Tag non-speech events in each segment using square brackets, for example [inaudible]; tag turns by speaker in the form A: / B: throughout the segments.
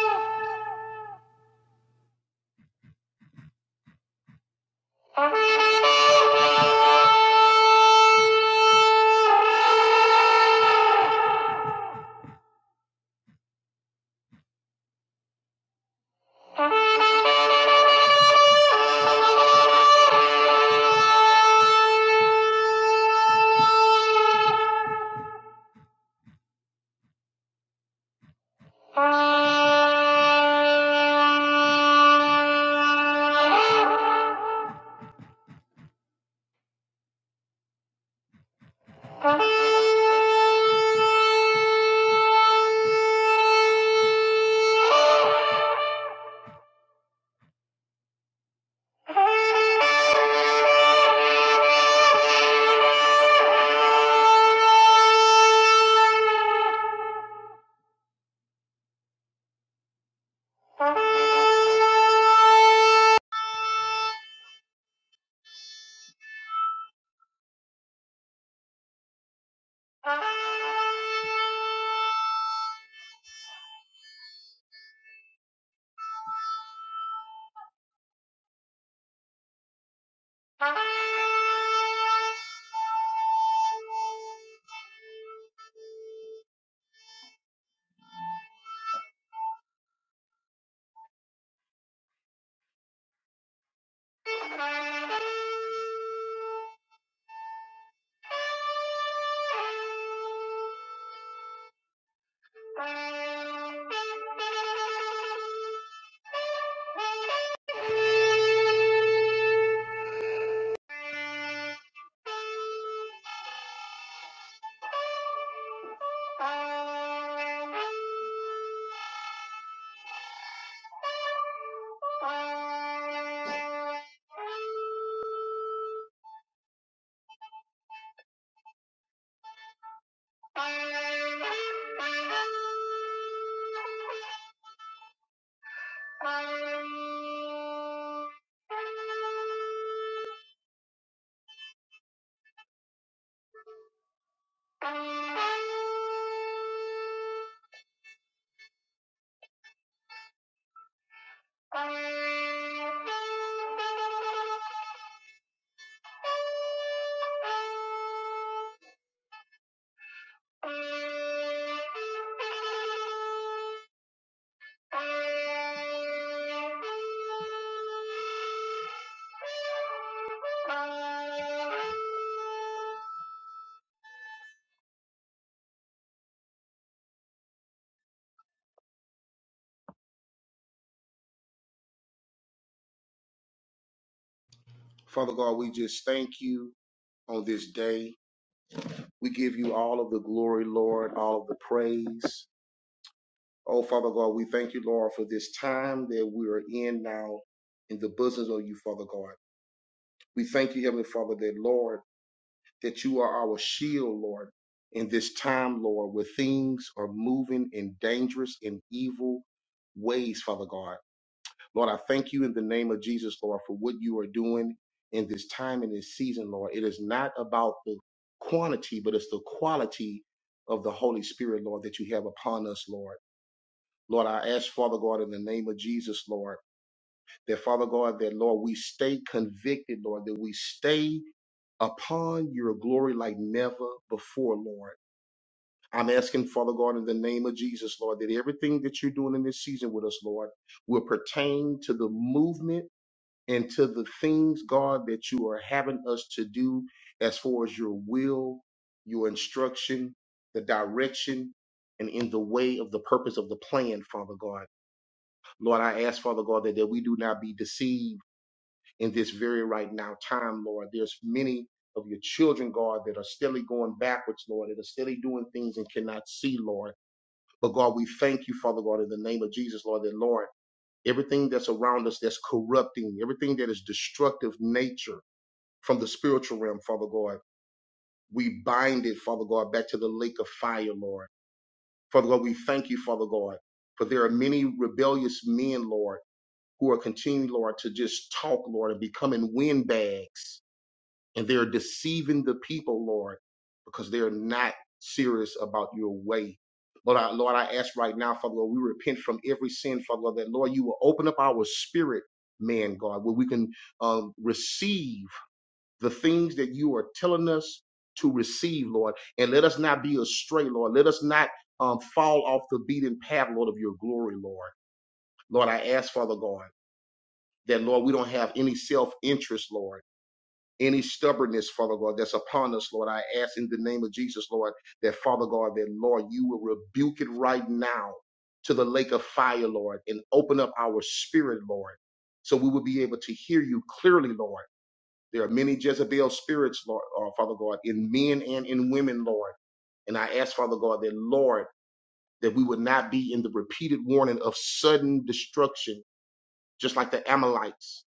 A: Thank you. Thank you. Thank you. Thank you. Father God, we just thank you on this day. We give you all of the glory, Lord, all of the praise. Oh, Father God, we thank you, Lord, for this time that we are in now in the bosom of you, Father God. We thank you, Heavenly Father, that, Lord, that you are our shield, Lord, in this time, Lord, where things are moving in dangerous and evil ways, Father God. Lord, I thank you in the name of Jesus, Lord, for what you are doing in this time and this season, Lord. It is not about the quantity, but it's the quality of the Holy Spirit, Lord, that you have upon us, Lord. Lord, I ask, Father God, in the name of Jesus, Lord, that Father God, that Lord, we stay convicted, Lord, that we stay upon your glory like never before, Lord. I'm asking, Father God, in the name of Jesus, Lord, that everything that you're doing in this season with us, Lord, will pertain to the movement and to the things, God, that you are having us to do as far as your will, your instruction, the direction, and in the way of the purpose of the plan, Father God. Lord, I ask, Father God, that, that we do not be deceived in this very right now time, Lord. There's many of your children, God, that are steadily going backwards, Lord, that are steadily doing things and cannot see, Lord. But God, we thank you, Father God, in the name of Jesus, Lord, that Lord, everything that's around us that's corrupting, everything that is destructive nature from the spiritual realm, Father God, we bind it, Father God, back to the lake of fire, Lord. Father God, we thank you, Father God, for there are many rebellious men, Lord, who are continuing, Lord, to just talk, Lord, and becoming windbags and they're deceiving the people, Lord, because they're not serious about your way. Lord, I, Lord, I ask right now, Father Lord, we repent from every sin, Father Lord, that Lord, you will open up our spirit, man, God, where we can uh, receive the things that you are telling us to receive, Lord, and let us not be astray, Lord. Let us not um, fall off the beaten path, Lord, of your glory, Lord. Lord, I ask, Father God, that Lord, we don't have any self interest, Lord any stubbornness, Father God, that's upon us, Lord. I ask in the name of Jesus, Lord, that Father God, that Lord, you will rebuke it right now to the lake of fire, Lord, and open up our spirit, Lord, so we will be able to hear you clearly, Lord. There are many Jezebel spirits, Lord, uh, Father God, in men and in women, Lord. And I ask, Father God, that Lord, that we would not be in the repeated warning of sudden destruction just like the Amalekites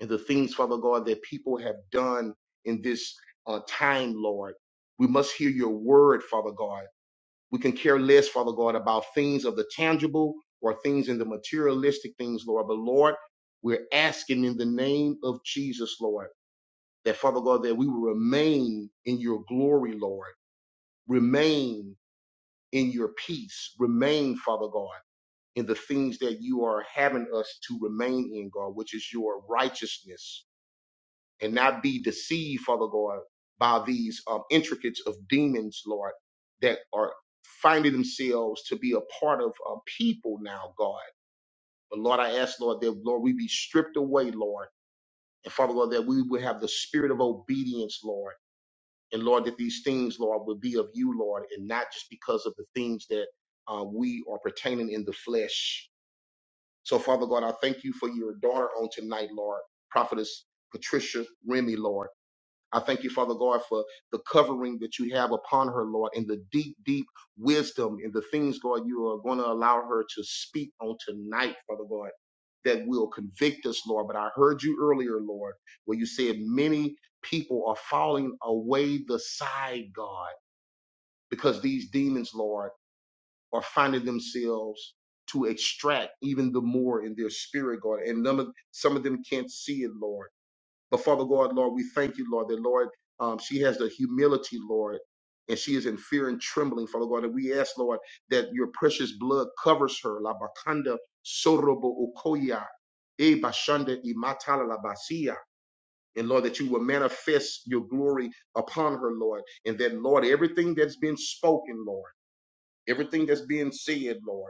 A: and the things, Father God, that people have done in this uh, time, Lord. We must hear your word, Father God. We can care less, Father God, about things of the tangible or things in the materialistic things, Lord. But Lord, we're asking in the name of Jesus, Lord, that Father God, that we will remain in your glory, Lord. Remain in your peace. Remain, Father God in the things that you are having us to remain in, God, which is your righteousness, and not be deceived, Father God, by these um, intricates of demons, Lord, that are finding themselves to be a part of uh, people now, God. But Lord, I ask, Lord, that, Lord, we be stripped away, Lord, and Father God, that we would have the spirit of obedience, Lord. And Lord, that these things, Lord, would be of you, Lord, and not just because of the things that uh, we are pertaining in the flesh. So, Father God, I thank you for your daughter on tonight, Lord, Prophetess Patricia Remy, Lord. I thank you, Father God, for the covering that you have upon her, Lord, and the deep, deep wisdom and the things, God, you are going to allow her to speak on tonight, Father God, that will convict us, Lord. But I heard you earlier, Lord, where you said many people are falling away the side, God, because these demons, Lord are finding themselves to extract even the more in their spirit, God. And none of, some of them can't see it, Lord. But Father God, Lord, we thank you, Lord, that Lord, um, she has the humility, Lord, and she is in fear and trembling, Father God. And we ask, Lord, that your precious blood covers her. La bakanda sorobo okoya, e bashanda imatala la basia. And Lord, that you will manifest your glory upon her, Lord. And that, Lord, everything that's been spoken, Lord, everything that's being said, Lord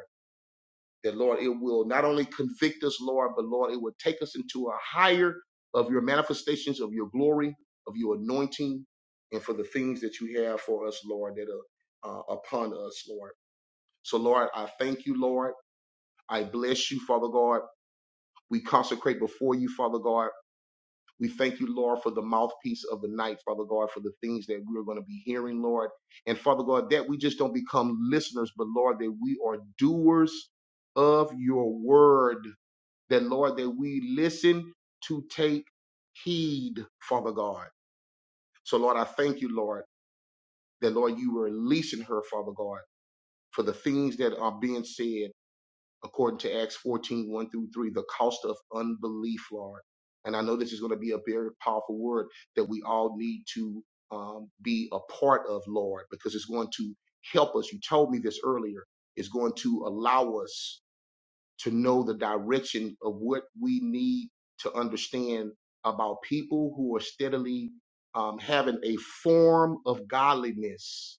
A: that Lord, it will not only convict us, Lord, but Lord, it will take us into a higher of your manifestations of your glory, of your anointing, and for the things that you have for us, Lord, that are uh, upon us, Lord. So, Lord, I thank you, Lord. I bless you, Father God. We consecrate before you, Father God. We thank you, Lord, for the mouthpiece of the night, Father God, for the things that we're going to be hearing, Lord. And Father God, that we just don't become listeners, but Lord, that we are doers of your word that Lord, that we listen to take heed, Father God. So Lord, I thank you, Lord, that Lord, you were releasing her, Father God, for the things that are being said according to Acts fourteen one through 3, the cost of unbelief, Lord. And I know this is going to be a very powerful word that we all need to um, be a part of, Lord, because it's going to help us. You told me this earlier. It's going to allow us to know the direction of what we need to understand about people who are steadily um, having a form of godliness,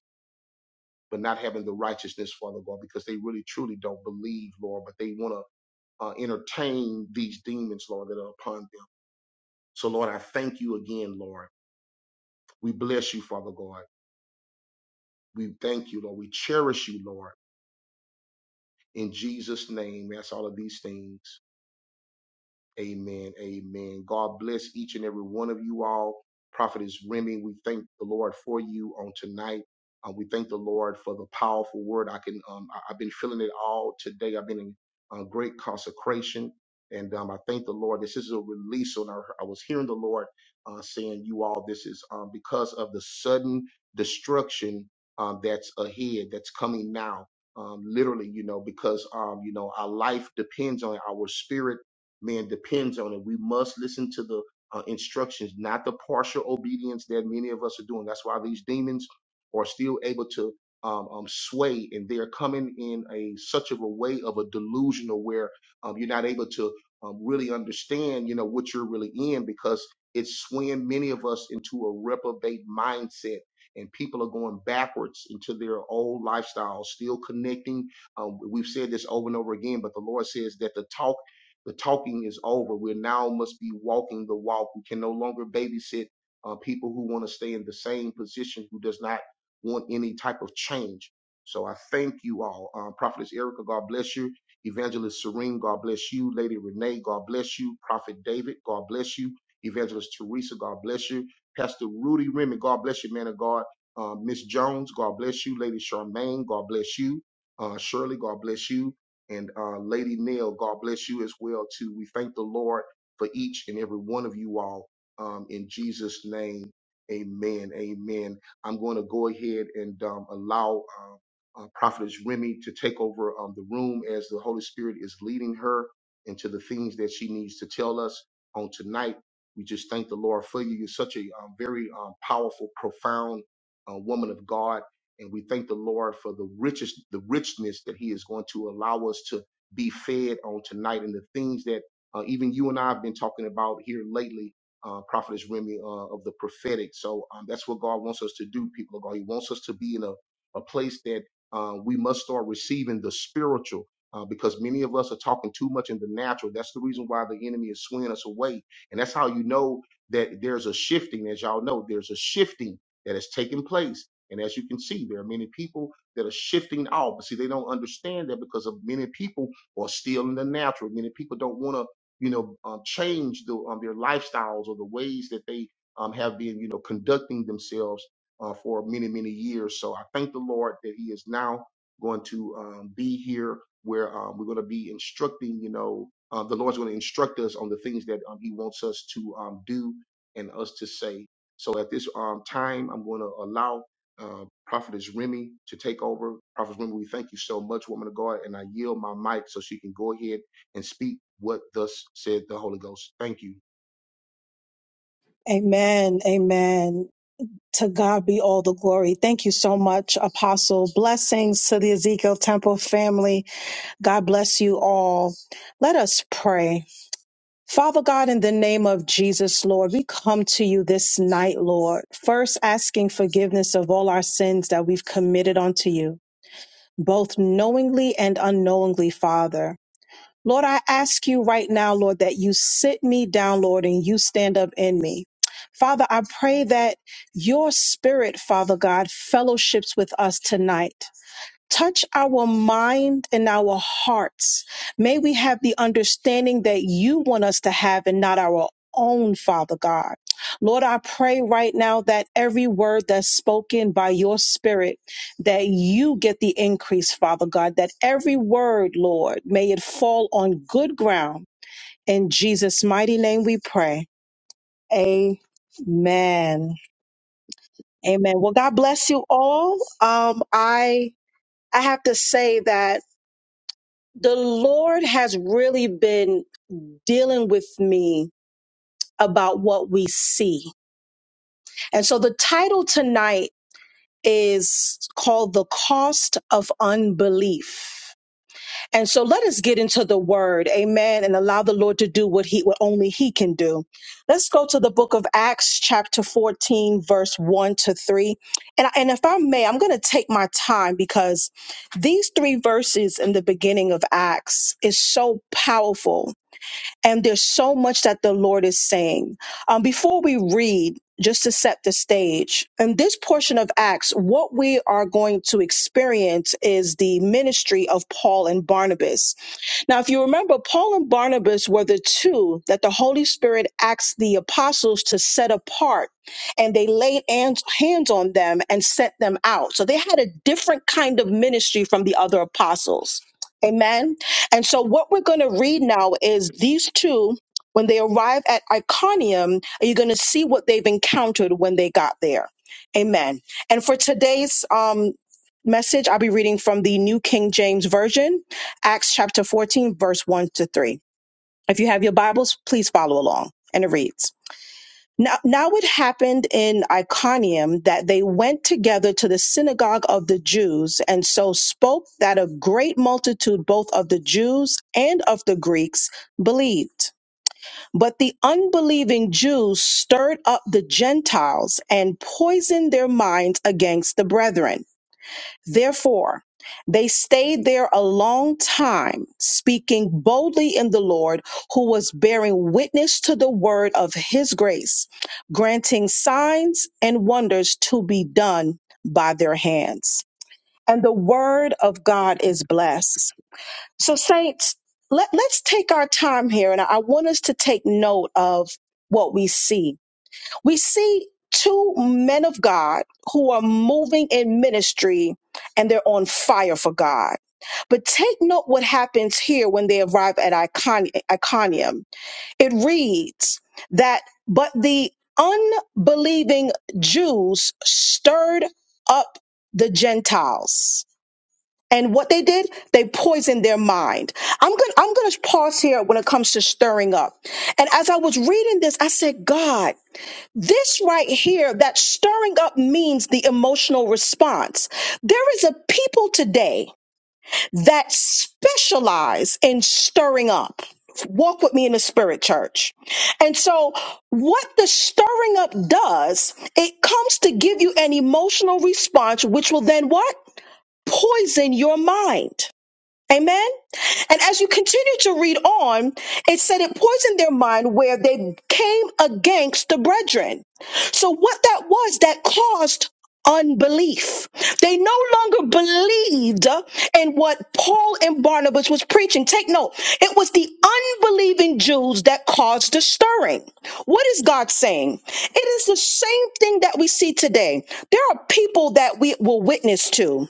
A: but not having the righteousness, Father God, because they really truly don't believe, Lord, but they want to uh, entertain these demons, Lord, that are upon them. So, Lord, I thank you again, Lord. We bless you, Father God. We thank you, Lord. We cherish you, Lord. In Jesus' name, that's all of these things. Amen. Amen. God bless each and every one of you all. Prophetess Remy, we thank the Lord for you on tonight. Uh, we thank the Lord for the powerful word. I can, um, I, have been feeling it all today. I've been in uh, great consecration, and um, I thank the Lord. This is a release. On our, I was hearing the Lord uh, saying, "You all, this is um, because of the sudden destruction um, that's ahead, that's coming now. Um, literally, you know, because um, you know, our life depends on it. our spirit." man depends on it. We must listen to the uh, instructions, not the partial obedience that many of us are doing. That's why these demons are still able to um, um, sway, and they're coming in a such of a way of a delusional where um, you're not able to um, really understand, you know, what you're really in because it's swaying many of us into a reprobate mindset. And people are going backwards into their old lifestyles, still connecting um, we've said this over and over again, but the Lord says that the the talking is over. We now must be walking the walk. We can no longer babysit uh, people who want to stay in the same position, who does not want any type of change. So I thank you all. Um, Prophetess Erica, God bless you. Evangelist Serene, God bless you. Lady Renee, God bless you. Prophet David, God bless you. Evangelist Teresa, God bless you. Pastor Rudy Remy, God bless you, man of God. Uh, Miss Jones, God bless you. Lady Charmaine, God bless you. Uh, Shirley, God bless you and uh, Lady Nell, God bless you as well too. We thank the Lord for each and every one of you all um, in Jesus' name. Amen. Amen. I'm going to go ahead and um, allow uh, uh, Prophetess Remy to take over um, the room as the Holy Spirit is leading her into the things that she needs to tell us on tonight. We just thank the Lord for you. You're such a um, very um, powerful, profound uh, woman of God and we thank the Lord for the richest, the richness that He is going to allow us to be fed on tonight, and the things that uh, even you and I have been talking about here lately, uh, Prophetess Remy, uh, of the prophetic. So um, that's what God wants us to do, people of God. He wants us to be in a, a place that uh, we must start receiving the spiritual. Uh, because many of us are talking too much in the natural. That's the reason why the enemy is swinging us away. And that's how you know that there's a shifting. As y'all know, there's a shifting that has taken place and as you can see, there are many people that are shifting out, but see, they don't understand that because of many people are still in the natural. Many people don't want to, you know, um, change the, um, their lifestyles or the ways that they um, have been, you know, conducting themselves uh, for many, many years. So I thank the Lord that He is now going to um, be here where um, we're going to be instructing, you know, uh, the Lord's going to instruct us on the things that um, He wants us to um, do and us to say. So at this um, time, I'm going to allow uh, Prophetess Remy to take over. Prophetess Remy, we thank you so much, woman of God, and I yield my mic so she can go ahead and speak what thus said the Holy Ghost. Thank you.
B: Amen. Amen. To God be all the glory. Thank you so much, Apostle. Blessings to the Ezekiel Temple family. God bless you all. Let us pray. Father God, in the name of Jesus, Lord, we come to you this night, Lord, first asking forgiveness of all our sins that we've committed unto you, both knowingly and unknowingly, Father. Lord, I ask you right now, Lord, that you sit me down, Lord, and you stand up in me. Father, I pray that your spirit, Father God, fellowships with us tonight. Touch our mind and our hearts. May we have the understanding that you want us to have and not our own, Father God. Lord, I pray right now that every word that's spoken by your spirit, that you get the increase, Father God, that every word, Lord, may it fall on good ground. In Jesus' mighty name we pray. Amen. Amen. Well, God bless you all. Um, I I have to say that the Lord has really been dealing with me about what we see. And so the title tonight is called The Cost of Unbelief. And so let us get into the word, amen, and allow the Lord to do what he what only he can do. Let's go to the book of Acts chapter 14 verse 1 to 3. And and if I may, I'm going to take my time because these three verses in the beginning of Acts is so powerful And there's so much that the Lord is saying. Um, before we read, just to set the stage, in this portion of Acts, what we are going to experience is the ministry of Paul and Barnabas. Now, if you remember, Paul and Barnabas were the two that the Holy Spirit asked the apostles to set apart, and they laid hands hands on them and sent them out. So they had a different kind of ministry from the other apostles. Amen. And so, what we're going to read now is these two, when they arrive at Iconium, are you going to see what they've encountered when they got there? Amen. And for today's um, message, I'll be reading from the New King James Version. Acts chapter 14, verse 1 to 3. If you have your Bibles, please follow along. And it reads Now, now it happened in Iconium that they went together to the synagogue of the Jews, and so spoke that a great multitude, both of the Jews and of the Greeks, believed. But the unbelieving Jews stirred up the Gentiles and poisoned their minds against the brethren. Therefore, they stayed there a long time, speaking boldly in the Lord, who was bearing witness to the word of his grace, granting signs and wonders to be done by their hands. And the word of God is blessed. So, saints, let, let's take our time here, and I want us to take note of what we see we see two men of God who are moving in ministry and they're on fire for God. But take note what happens here when they arrive at Icon- Iconium. It reads that, but the unbelieving Jews stirred up the Gentiles. And what they did, they poisoned their mind. I'm going to I'm going to pause here when it comes to stirring up. And as I was reading this, I said, God, this right here, that stirring up means the emotional response. There is a people today that specialize in stirring up. Walk with me in the spirit church. And so, what the stirring up does, it comes to give you an emotional response, which will then what? Poison your mind. Amen. And as you continue to read on, it said it poisoned their mind where they came against the brethren. So what that was that caused unbelief. They no longer believed in what Paul and Barnabas was preaching. Take note. It was the unbelieving Jews that caused the stirring. What is God saying? It is the same thing that we see today. There are people that we will witness to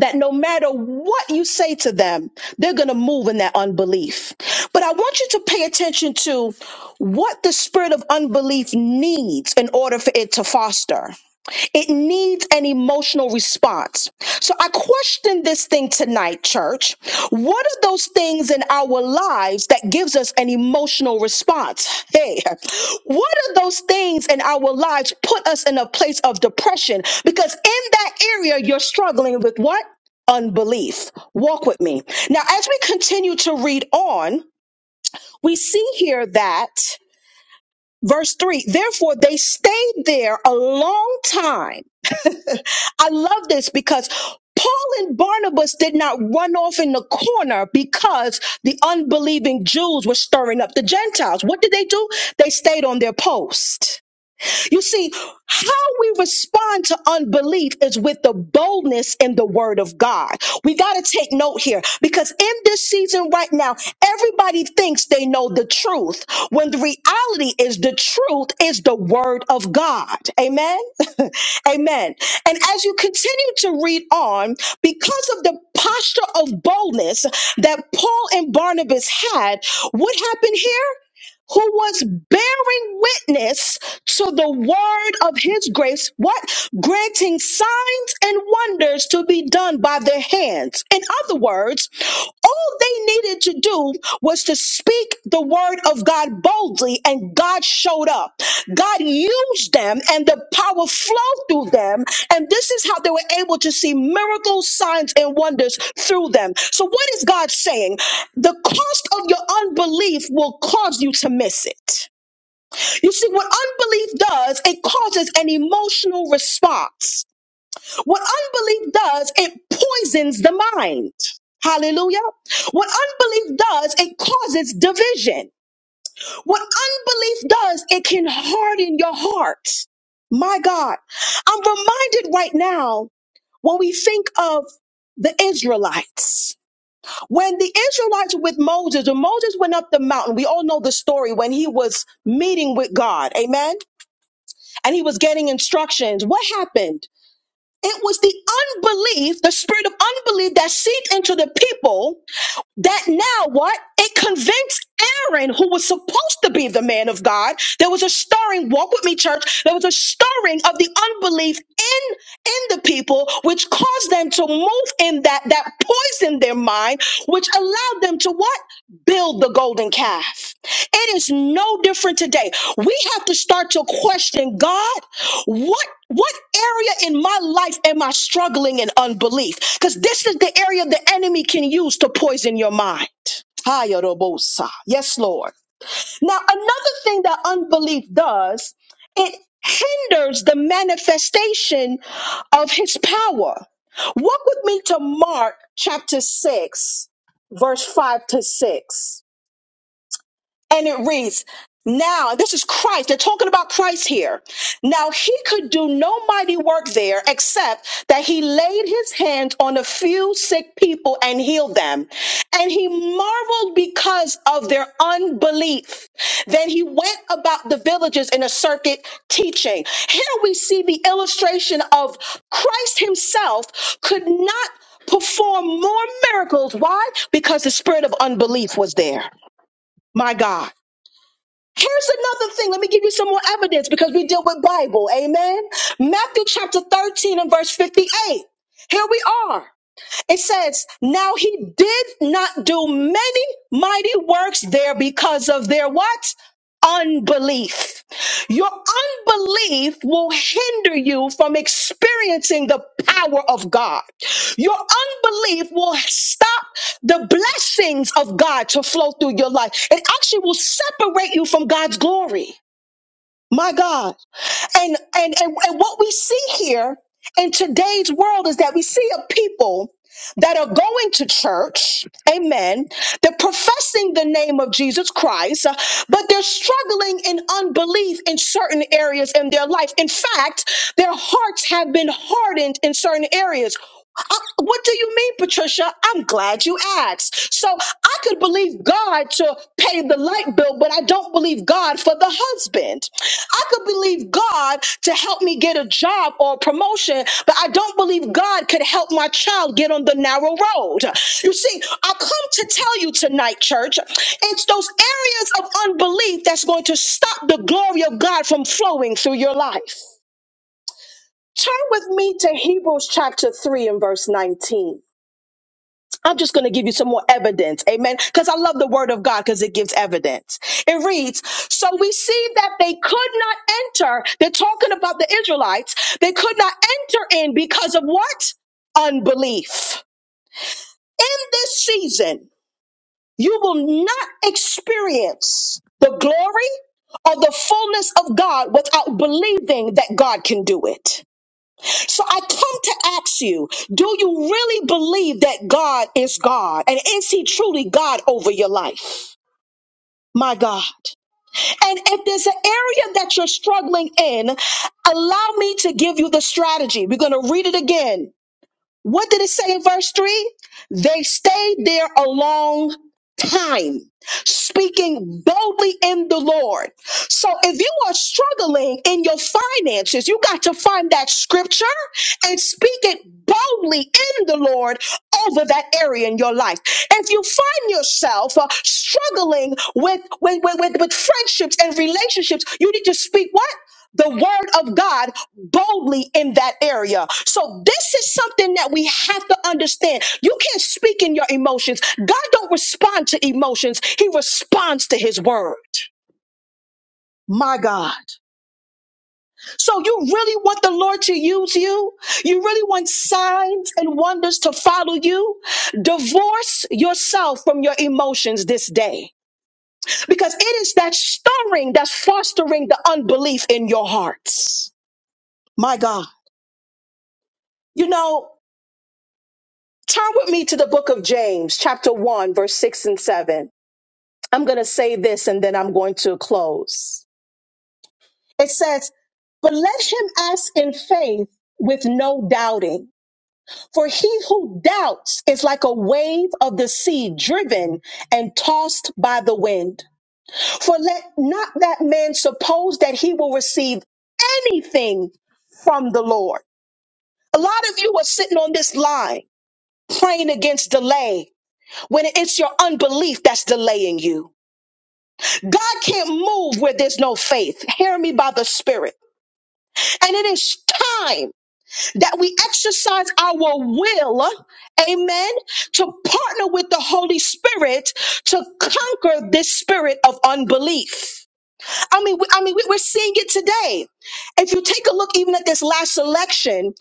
B: that no matter what you say to them, they're going to move in that unbelief. But I want you to pay attention to what the spirit of unbelief needs in order for it to foster. It needs an emotional response. So I question this thing tonight, church. What are those things in our lives that gives us an emotional response? Hey, what are those things in our lives put us in a place of depression? Because in that area, you're struggling with what? Unbelief. Walk with me. Now, as we continue to read on, we see here that verse three, therefore they stayed there a long time I love this because Paul and Barnabas did not run off in the corner because the unbelieving Jews were stirring up the Gentiles. What did they do? They stayed on their post. You see, how we respond to unbelief is with the boldness in the word of God. We got to take note here because in this season right now, everybody thinks they know the truth when the reality is the truth is the word of God. Amen. [laughs] Amen. And as you continue to read on, because of the posture of boldness that Paul and Barnabas had, what happened here? who was bearing witness to the word of his grace, what? Granting signs and wonders to be done by their hands. In other words, all they needed to do was to speak the word of God boldly, and God showed up. God used them, and the power flowed through them. And this is how they were able to see miracles, signs, and wonders through them. So, what is God saying? The cost of your unbelief will cause you to miss it. You see, what unbelief does, it causes an emotional response. What unbelief does, it poisons the mind. Hallelujah. What unbelief does, it causes division. What unbelief does, it can harden your heart. My God. I'm reminded right now when we think of the Israelites. When the Israelites were with Moses, when Moses went up the mountain, we all know the story when he was meeting with God. Amen. And he was getting instructions. What happened? It was the unbelief, the spirit of unbelief that seeped into the people that now what? It convinced Aaron, who was supposed to be the man of God. There was a stirring, walk with me, church. There was a stirring of the unbelief in, in the people, which caused them to move in that, that poisoned their mind, which allowed them to what? Build the golden calf. It is no different today. We have to start to question God. What what area in my life am I struggling in unbelief? Because this is the area the enemy can use to poison your mind. Hayorobosa. Yes, Lord. Now, another thing that unbelief does, it hinders the manifestation of his power. Walk with me to Mark chapter 6, verse 5 to 6. And it reads, Now, this is Christ. They're talking about Christ here. Now, he could do no mighty work there except that he laid his hands on a few sick people and healed them. And he marveled because of their unbelief. Then he went about the villages in a circuit teaching. Here we see the illustration of Christ himself could not perform more miracles. Why? Because the spirit of unbelief was there. My God. Here's another thing. Let me give you some more evidence because we deal with Bible. Amen. Matthew chapter 13 and verse 58. Here we are. It says, now he did not do many mighty works there because of their what? Unbelief. Your unbelief will hinder you from experiencing the power of God. Your unbelief will stop the blessings of God to flow through your life. It actually will separate you from God's glory. My God. And, and, and, and what we see here in today's world is that we see a people that are going to church, amen. They're professing the name of Jesus Christ, uh, but they're struggling in unbelief in certain areas in their life. In fact, their hearts have been hardened in certain areas. I- what do you mean, Patricia? I'm glad you asked. So I could believe God to pay the light bill, but I don't believe God for the husband. I could believe God to help me get a job or a promotion, but I don't believe God could help my child get on the narrow road. You see, I come to tell you tonight, church, it's those areas of unbelief that's going to stop the glory of God from flowing through your life. Turn with me to Hebrews chapter 3 and verse 19. I'm just going to give you some more evidence. Amen. Because I love the word of God because it gives evidence. It reads, So we see that they could not enter. They're talking about the Israelites. They could not enter in because of what? Unbelief. In this season, you will not experience the glory or the fullness of God without believing that God can do it. So I come to ask you, do you really believe that God is God? And is he truly God over your life? My God. And if there's an area that you're struggling in, allow me to give you the strategy. We're going to read it again. What did it say in verse 3? They stayed there a long time, speaking boldly in the Lord. So if you are struggling in your finances, you got to find that scripture and speak it boldly in the Lord over that area in your life. If you find yourself uh, struggling with, with, with, with, with friendships and relationships, you need to speak what? the word of God boldly in that area. So this is something that we have to understand. You can't speak in your emotions. God don't respond to emotions. He responds to his word. My God. So you really want the Lord to use you? You really want signs and wonders to follow you? Divorce yourself from your emotions this day because it is that stirring that's fostering the unbelief in your hearts. My God. You know, Turn with me to the book of James, chapter 1, verse 6 and 7. I'm going to say this and then I'm going to close. It says, But let him ask in faith with no doubting. For he who doubts is like a wave of the sea driven and tossed by the wind. For let not that man suppose that he will receive anything from the Lord. A lot of you are sitting on this line praying against delay when it's your unbelief that's delaying you. God can't move where there's no faith. Hear me by the Spirit. And it is time that we exercise our will, amen, to partner with the Holy Spirit to conquer this spirit of unbelief. I mean, we- I mean, we- we're seeing it today. If you take a look even at this last election,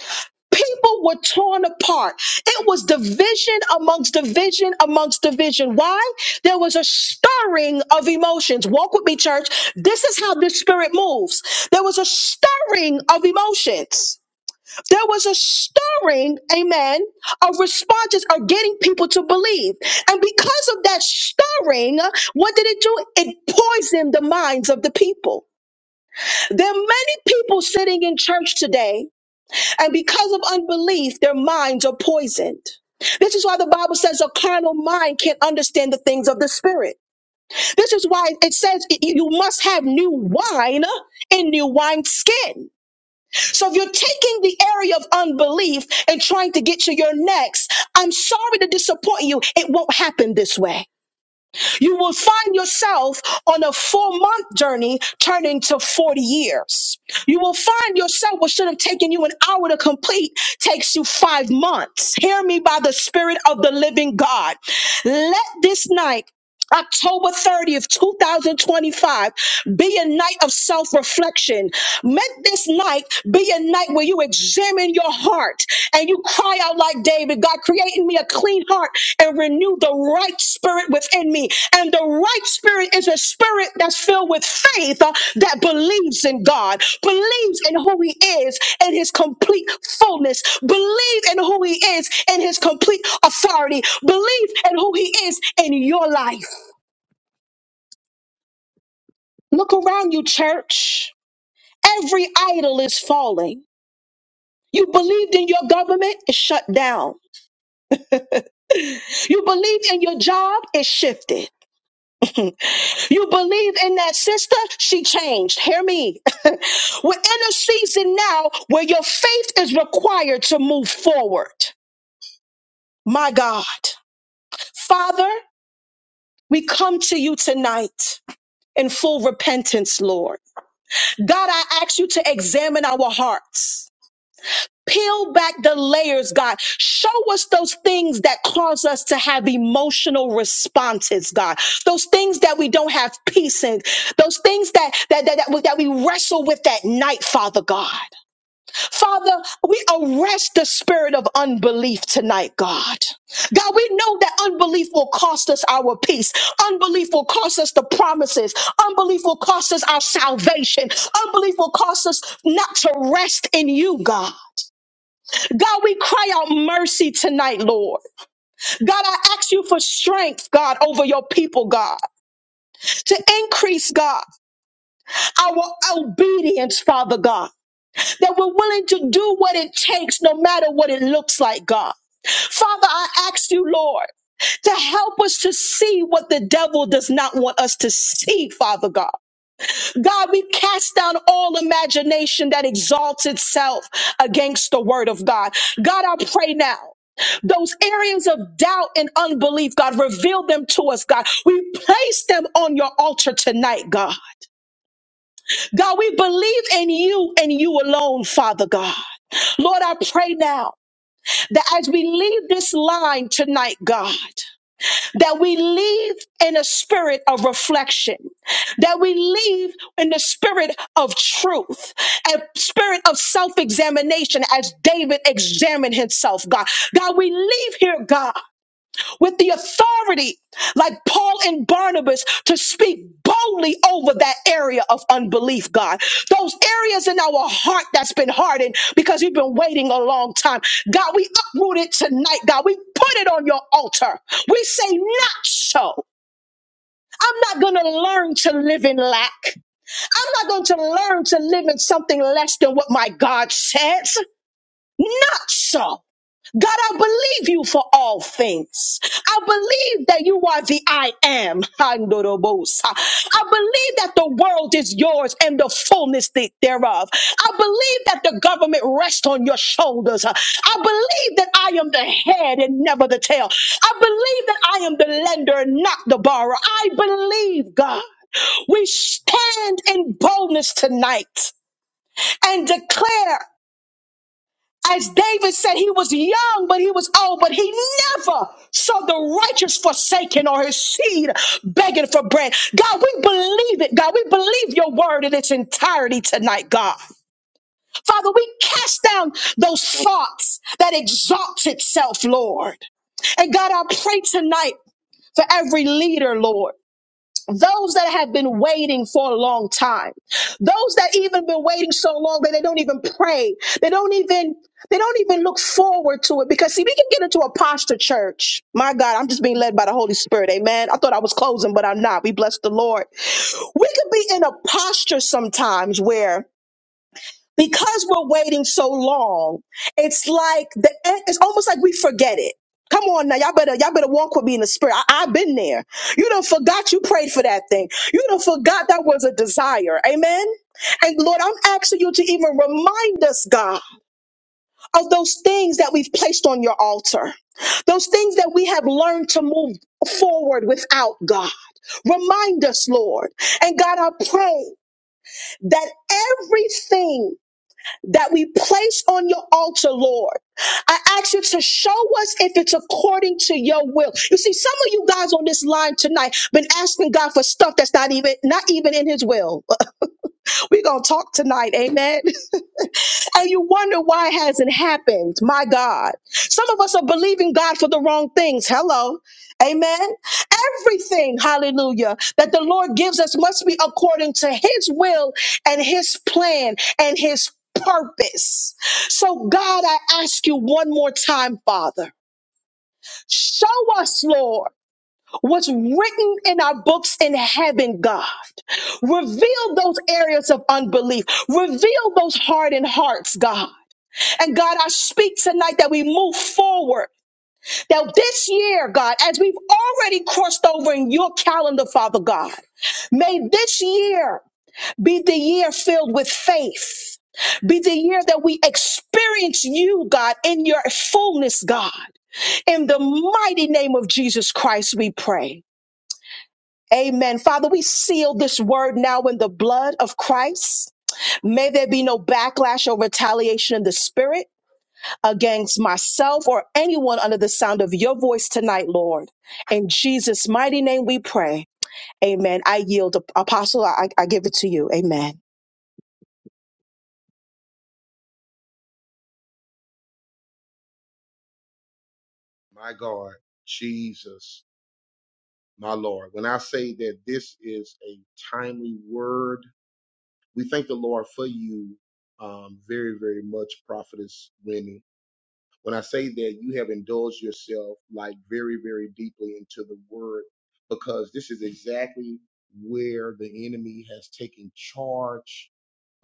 B: People were torn apart. It was division amongst division amongst division. Why? There was a stirring of emotions. Walk with me, church. This is how the spirit moves. There was a stirring of emotions. There was a stirring, amen, of responses of getting people to believe. And because of that stirring, what did it do? It poisoned the minds of the people. There are many people sitting in church today and because of unbelief, their minds are poisoned. This is why the Bible says a carnal mind can't understand the things of the spirit. This is why it says y- you must have new wine in new wine skin. So if you're taking the area of unbelief and trying to get to your next, I'm sorry to disappoint you. It won't happen this way. You will find yourself on a four month journey turning to 40 years. You will find yourself what should have taken you an hour to complete takes you five months. Hear me by the Spirit of the living God. Let this night October 30th, 2025, be a night of self reflection. Let this night be a night where you examine your heart and you cry out like David God, create in me a clean heart and renew the right spirit within me. And the right spirit is a spirit that's filled with faith uh, that believes in God, believes in who He is in His complete fullness, believe in who He is in His complete authority, believe in who He is in your life. Look around you, church. Every idol is falling. You believed in your government, it's shut down. You believed in your job, it's shifted. You believe in that sister? She changed. Hear me. [laughs] We're in a season now where your faith is required to move forward. My God. Father, we come to you tonight in full repentance, Lord. God, I ask you to examine our hearts. Peel back the layers, God. Show us those things that cause us to have emotional responses, God. Those things that we don't have peace in. Those things that that that, that, we, that we wrestle with at night, Father God. Father, we arrest the spirit of unbelief tonight, God. God, we know that unbelief will cost us our peace. Unbelief will cost us the promises. Unbelief will cost us our salvation. Unbelief will cost us not to rest in you, God. God, we cry out mercy tonight, Lord. God, I ask you for strength, God, over your people, God, to increase, God, our obedience, Father God, that we're willing to do what it takes, no matter what it looks like, God. Father, I ask you, Lord, to help us to see what the devil does not want us to see, Father God. God, we cast down all imagination that exalts itself against the word of God. God, I pray now. Those areas of doubt and unbelief, God, reveal them to us, God. We place them on your altar tonight, God. God, we believe in you and you alone, Father God. Lord, I pray now that as we leave this line tonight, God, that we live in a spirit of reflection, that we live in the spirit of truth, a spirit of self examination as David examined himself, God. God, we leave here, God with the authority, like Paul and Barnabas, to speak boldly over that area of unbelief, God. Those areas in our heart that's been hardened because we've been waiting a long time. God, we uproot it tonight, God. We put it on your altar. We say, not so. I'm not going to learn to live in lack. I'm not going to learn to live in something less than what my God says. Not so. God, I believe you for all things. I believe that you are the I am. Andorobosa. I believe that the world is yours and the fullness the- thereof. I believe that the government rests on your shoulders. I believe that I am the head and never the tail. I believe that I am the lender and not the borrower. I believe, God. We stand in boldness tonight and declare. As David said, he was young, but he was old, but he never saw the righteous forsaken or his seed begging for bread. God, we believe it. God, we believe your word in its entirety tonight, God. Father, we cast down those thoughts that exalts itself, Lord. And God, I pray tonight for every leader, Lord. Those that have been waiting for a long time. Those that even been waiting so long that they don't even pray. They don't even they don't even look forward to it because see we can get into a posture church. My God, I'm just being led by the Holy Spirit. Amen. I thought I was closing, but I'm not. We bless the Lord. We could be in a posture sometimes where because we're waiting so long, it's like the it's almost like we forget it. Come on now, y'all better y'all better walk with me in the spirit. I, I've been there. You don't forgot you prayed for that thing. You don't forgot that was a desire. Amen. And Lord, I'm asking you to even remind us, God, of those things that we've placed on your altar, those things that we have learned to move forward without God. Remind us, Lord. And God, I pray that everything that we place on your altar, Lord. I ask you to show us if it's according to your will. You see, some of you guys on this line tonight been asking God for stuff that's not even not even in his will. We're gonna talk tonight, amen. [laughs] and you wonder why it hasn't happened. My God. Some of us are believing God for the wrong things. Hello. Amen. Everything, hallelujah, that the Lord gives us must be according to his will and his plan and his purpose. So, God, I ask you one more time, Father, show us, Lord, what's written in our books in heaven, God. Reveal those areas of unbelief. Reveal those hardened hearts, God. And God, I speak tonight that we move forward. That this year, God, as we've already crossed over in your calendar, Father God, may this year be the year filled with faith. Be the year that we experience you, God, in your fullness, God. In the mighty name of Jesus Christ, we pray. Amen. Father, we seal this word now in the blood of Christ. May there be no backlash or retaliation in the spirit. against myself or anyone under the sound of your voice tonight, Lord. In Jesus' mighty name we pray. Amen. I yield. Apostle, I, I give it to you. Amen.
A: My God, Jesus, my Lord. When I say that this is a timely word, we thank the Lord for you um, very, very much, Prophetess Remy. When I say that, you have indulged yourself like very, very deeply into the word because this is exactly where the enemy has taken charge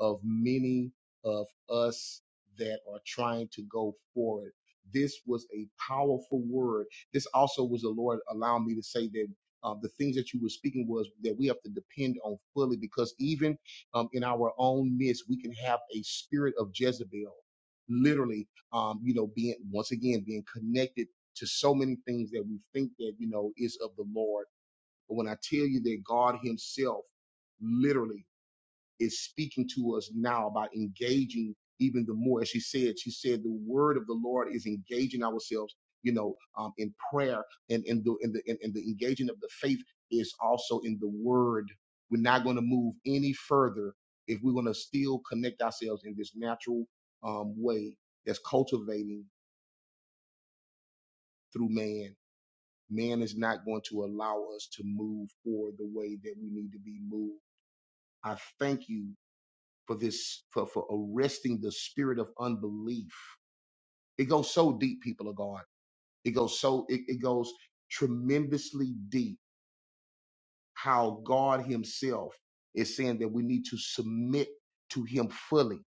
A: of many of us that are trying to go forward. This was a powerful word. This also was the Lord allowing me to say that um, the things that you were speaking was that we have to depend on fully because even um, in our own midst, we can have a spirit of Jezebel, literally, um, you know, being once again, being connected to so many things that we think that, you know, is of the Lord. But when I tell you that God himself, literally, is speaking to us now about engaging even the more. As she said, she said the word of the Lord is engaging ourselves, you know, um, in prayer and in the in the in, in the engaging of the faith is also in the word. We're not going to move any further if we're going to still connect ourselves in this natural um, way that's cultivating through man. Man is not going to allow us to move forward the way that we need to be moved. I thank you for this for, for arresting the spirit of unbelief it goes so deep people of god it goes so it, it goes tremendously deep how god himself is saying that we need to submit to him fully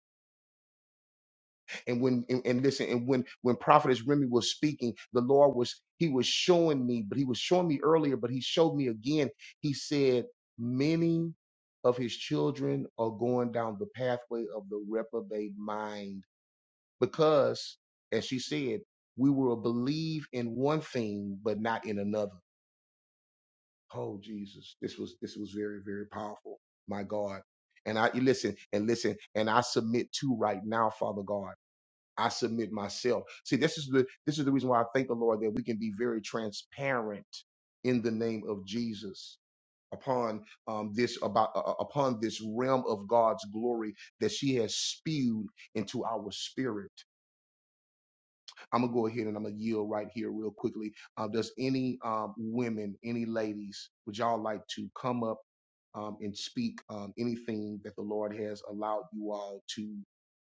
A: and when and, and listen and when when prophetess remy was speaking the lord was he was showing me but he was showing me earlier but he showed me again he said many of his children are going down the pathway of the reprobate mind because, as she said, we will believe in one thing but not in another. Oh Jesus, this was this was very very powerful. My God, and I you listen and listen and I submit to right now, Father God. I submit myself. See, this is the this is the reason why I thank the Lord that we can be very transparent in the name of Jesus upon um, this about uh, uh, upon this realm of God's glory that she has spewed into our spirit. I'm gonna go ahead and I'm gonna yield right here real quickly. Uh, does any um, women, any ladies, would y'all like to come up um, and speak um, anything that the Lord has allowed you all to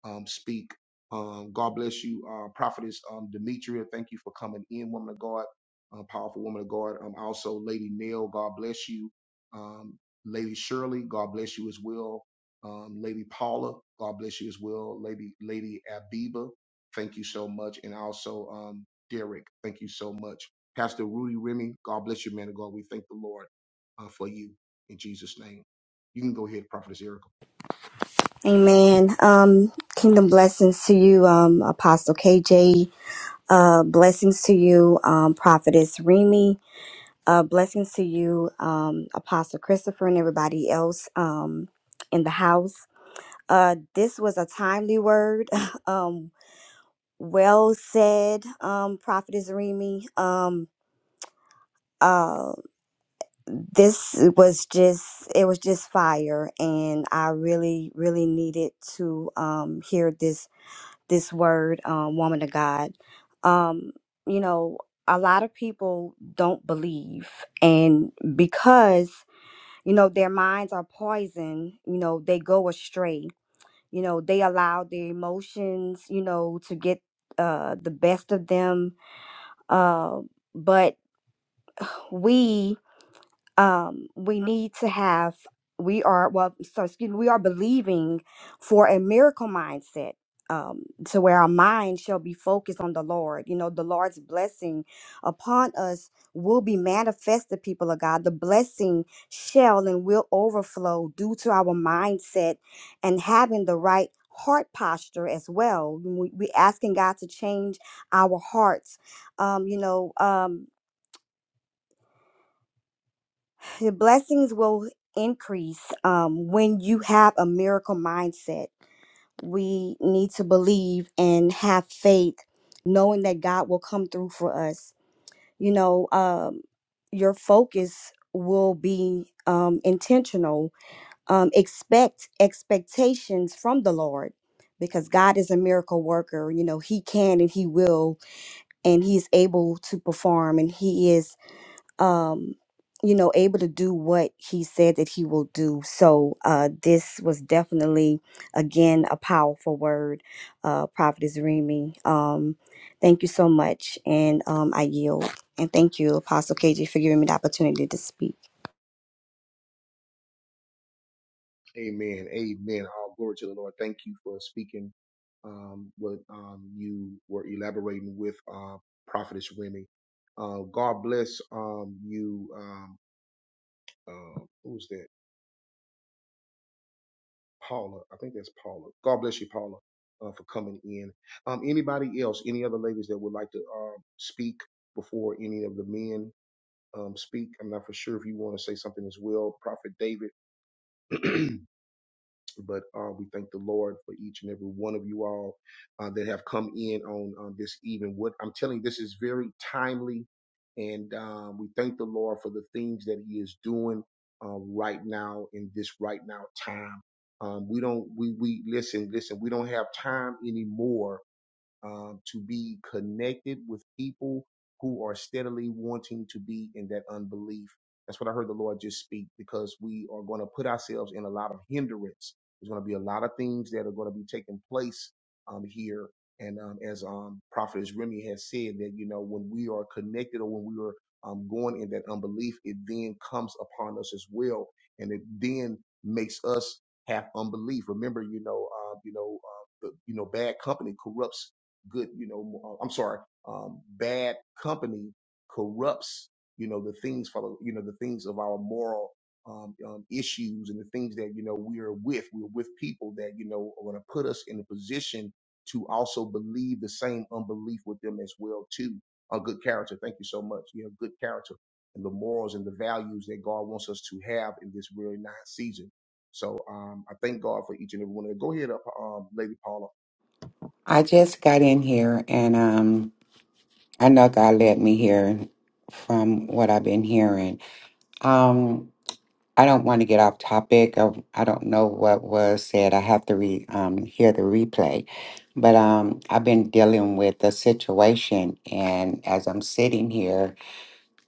A: um, speak? Um, God bless you, uh, Prophetess um, Demetria. Thank you for coming in, woman of God, uh, powerful woman of God. Um, also, Lady Nell, God bless you. Um, Lady Shirley, God bless you as well. Um, Lady Paula, God bless you as well. Lady Lady Abiba, Thank you so much. And also, um, Derek, thank you so much. Pastor Rudy Remy, God bless you, man of God. We thank the Lord uh, for you in Jesus' name. You can go ahead, Prophetess Erica.
C: Amen. Um, kingdom blessings to you, um, Apostle KJ. Uh, blessings to you, um, Prophetess Remy. Uh, blessings to you, um, Apostle Christopher, and everybody else um, in the house. Uh, this was a timely word. [laughs] um, well said, um, Prophetess Remy. Um, uh, this was just, it was just fire. And I really, really needed to um, hear this this word, um, woman of God. Um, you know, a lot of people don't believe, and because you know their minds are poisoned, you know they go astray. You know they allow their emotions, you know, to get uh, the best of them. Uh, but we um, we need to have we are well so excuse me we are believing for a miracle mindset um, to where our mind shall be focused on the lord you know the lord's blessing upon us will be manifested people of god the blessing shall and will overflow due to our mindset and having the right heart posture as well we, we asking god to change our hearts um, you know um, The blessings will increase um, when you have a miracle mindset. We need to believe and have faith, knowing that God will come through for us. You know, um, your focus will be um, intentional. Um, expect expectations from the Lord because God is a miracle worker. You know, He can and He will, and He's able to perform, and He is um, you know, able to do what he said that he will do. So uh, this was definitely, again, a powerful word, uh, Prophetess Remy. Um, thank you so much, and um, I yield. And thank you, Apostle KJ, for giving me the opportunity to speak.
A: Amen. Amen. All glory to the Lord. Thank you for speaking um, what um, you were elaborating with uh, Prophetess Remy. Uh, God bless um, you. Um, uh, who's that? Paula. I think that's Paula. God bless you, Paula, uh, for coming in. Um, anybody else? Any other ladies that would like to um, speak before any of the men um, speak? I'm not for sure if you want to say something as well, Prophet David. [clears throat] But uh, we thank the Lord for each and every one of you all uh, that have come in on uh, this evening. What I'm telling you, this is very timely, and um, we thank the Lord for the things that He is doing uh, right now in this right now time. Um, we don't we we listen listen. We don't have time anymore um, to be connected with people who are steadily wanting to be in that unbelief. That's what I heard the Lord just speak because we are going to put ourselves in a lot of hindrance. There's going to be a lot of things that are going to be taking place um, here. And um, as um, Prophet Remy has said, that you know when we are connected or when we are um, going in that unbelief, it then comes upon us as well, and it then makes us have unbelief. Remember, you know, uh, you know, uh, the, you know, bad company corrupts good, you know, uh, I'm sorry, um, bad company corrupts, you know, the things for, you know, the things of our moral um, um, issues and the things that, you know, we are with. We're with people that, you know, are going to put us in a position to also believe the same unbelief with them as well, too. A good character. Thank you so much. You know, good character and the morals and the values that God wants us to have in this really nice season. So um, I thank God for each and every one of them. Go ahead, uh, um, Lady Paula.
D: I just got in here and um I know God led me here from what I've been hearing. Um I don't want to get off topic of I don't know what was said. I have to re um hear the replay. But um I've been dealing with the situation and as I'm sitting here,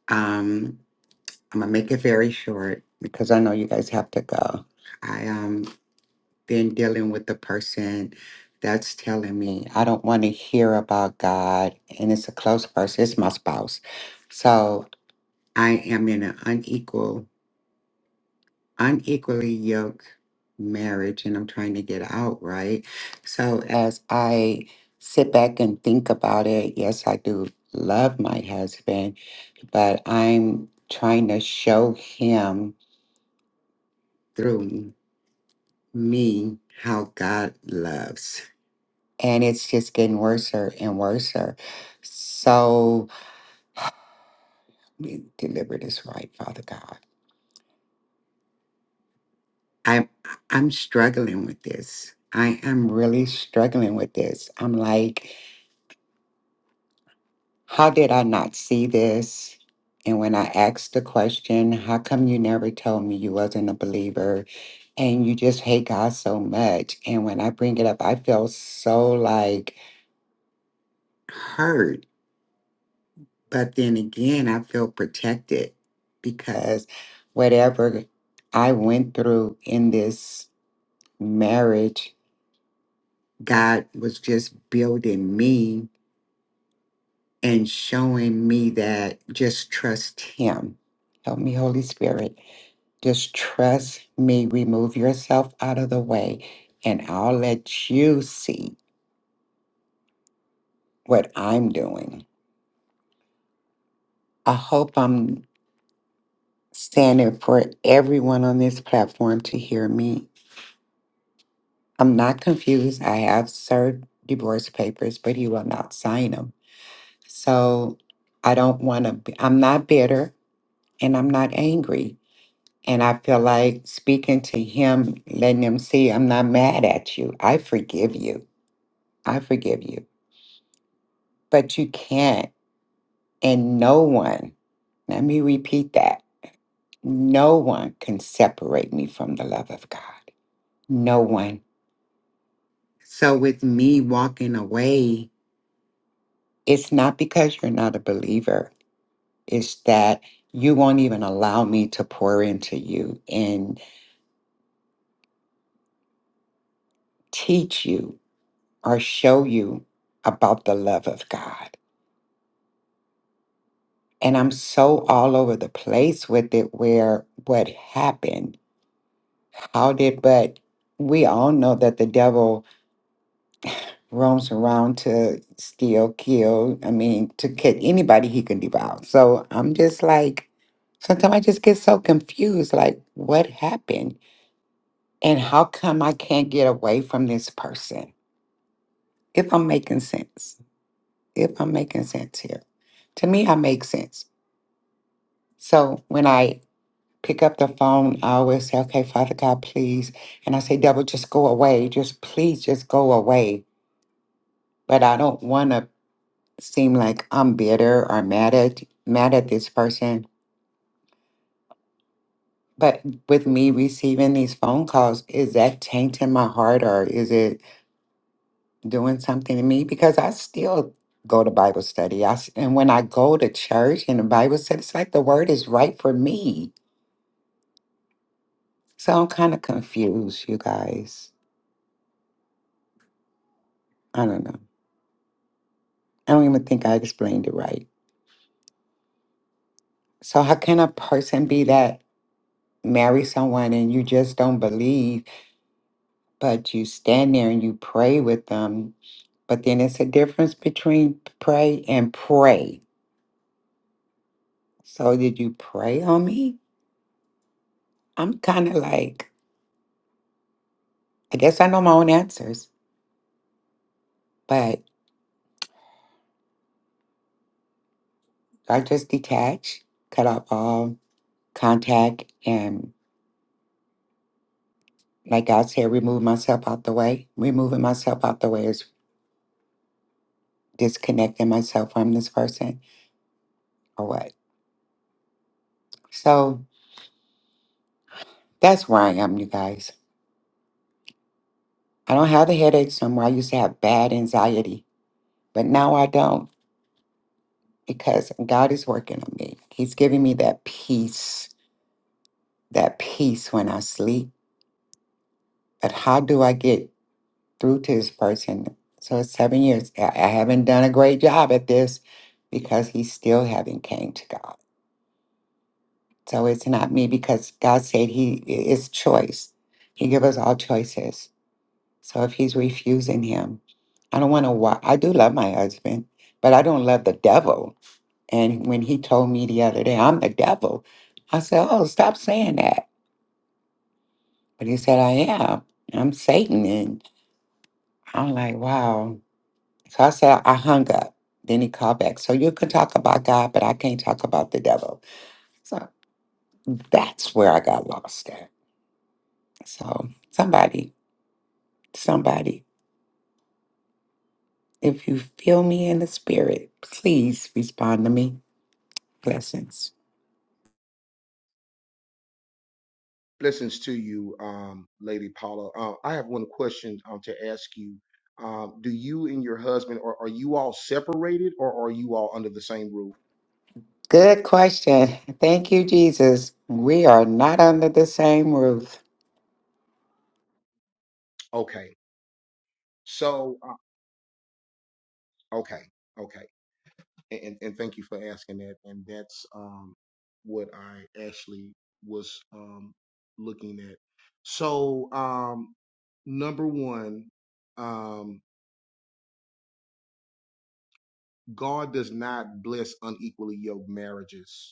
D: um I'm gonna make it very short because I know you guys have to go. I um, than dealing with the person that's telling me I don't want to hear about God and it's a close person, it's my spouse. So I am in an unequal, unequally yoked marriage and I'm trying to get out, right? So as I sit back and think about it, yes, I do love my husband, but I'm trying to show him through me how God loves. and it's just getting worse and worse. So deliver this right, Father God. I'm I'm struggling with this. I am really struggling with this. I'm like, how did I not see this? And when I asked the question, how come you never told me you wasn't a believer and you just hate God so much? And when I bring it up, I feel so like hurt But then again, I feel protected because whatever I went through in this marriage, God was just building me and showing me that just trust Him. Help me, Holy Spirit. Just trust me. Remove yourself out of the way, and I'll let you see what I'm doing. I hope I'm standing for everyone on this platform to hear me I'm not confused. I have served divorce papers, but he will not sign them. So I don't want to, be, I'm not bitter and I'm not angry. And I feel like speaking to him, letting him see, I'm not mad at you. I forgive you. I forgive you. But you can't, and no one, let me repeat that no one can separate me from the love of God. No one. So with me walking away, It's not because you're not a believer, it's that you won't even allow me to pour into you and teach you or show you about the love of God. And I'm so all over the place with it where what happened, how did, but we all know that the devil roams around to steal, kill, I mean, to kill anybody he can devour. So I'm just like, sometimes I just get so confused like, what happened? And how come I can't get away from this person? If I'm making sense, if I'm making sense here, to me, I make sense. So when I pick up the phone, I always say, okay, Father God, please. And I say, devil, just go away. Just please, just go away. But I don't want to seem like I'm bitter or mad at mad at this person. But with me receiving these phone calls, is that tainting my heart or is it doing something to me because I still go to Bible study. I, s- and when I go to church and the Bible study, it's like the word is right for me. So I'm kind of confused, you guys. I don't know. I don't even think I explained it right. So, how can a person be that marry someone and you just don't believe, but you stand there and you pray with them? But then it's a difference between pray and pray. So, did you pray on me? I'm kind of like, I guess I know my own answers. but I just detach, cut off all contact, and like I said, remove myself out the way. Removing myself out the way is disconnecting myself from this person or what. So that's where I am, you guys. I don't have the headaches anymore. I used to have bad anxiety, but now I don't because God is working on me. He's giving me that peace, that peace when I sleep. But how do I get through to this person. So it's seven years. I I haven't done a great job at this because he still haven't came to God. So it's not me because God said he is choice. He give us all choices. So if he's refusing him, I don't want to. Wa- I do love my husband, but I don't love the devil. And when he told me the other day, I'm the devil, I said, "Oh, stop saying that." But he said, "I am. I'm Satan." And I'm like, "Wow." So I said, I hung up. Then he called back. So you can talk about God, but I can't talk about the devil. So that's where I got lost at. So somebody, somebody, if you feel me in the spirit, please respond to me. Blessings.
A: Blessings to you, um, Lady Paula. Uh, I have one question um, to ask you. Um, do you and your husband are, are you all separated, or are you all under the same roof?
D: Good question. Thank you, Jesus. We are not under the same roof.
A: Okay. So uh, okay, okay, and, and and thank you for asking that. And that's um, what I actually was um, looking at. So um, number one, um, God does not bless unequally yoked marriages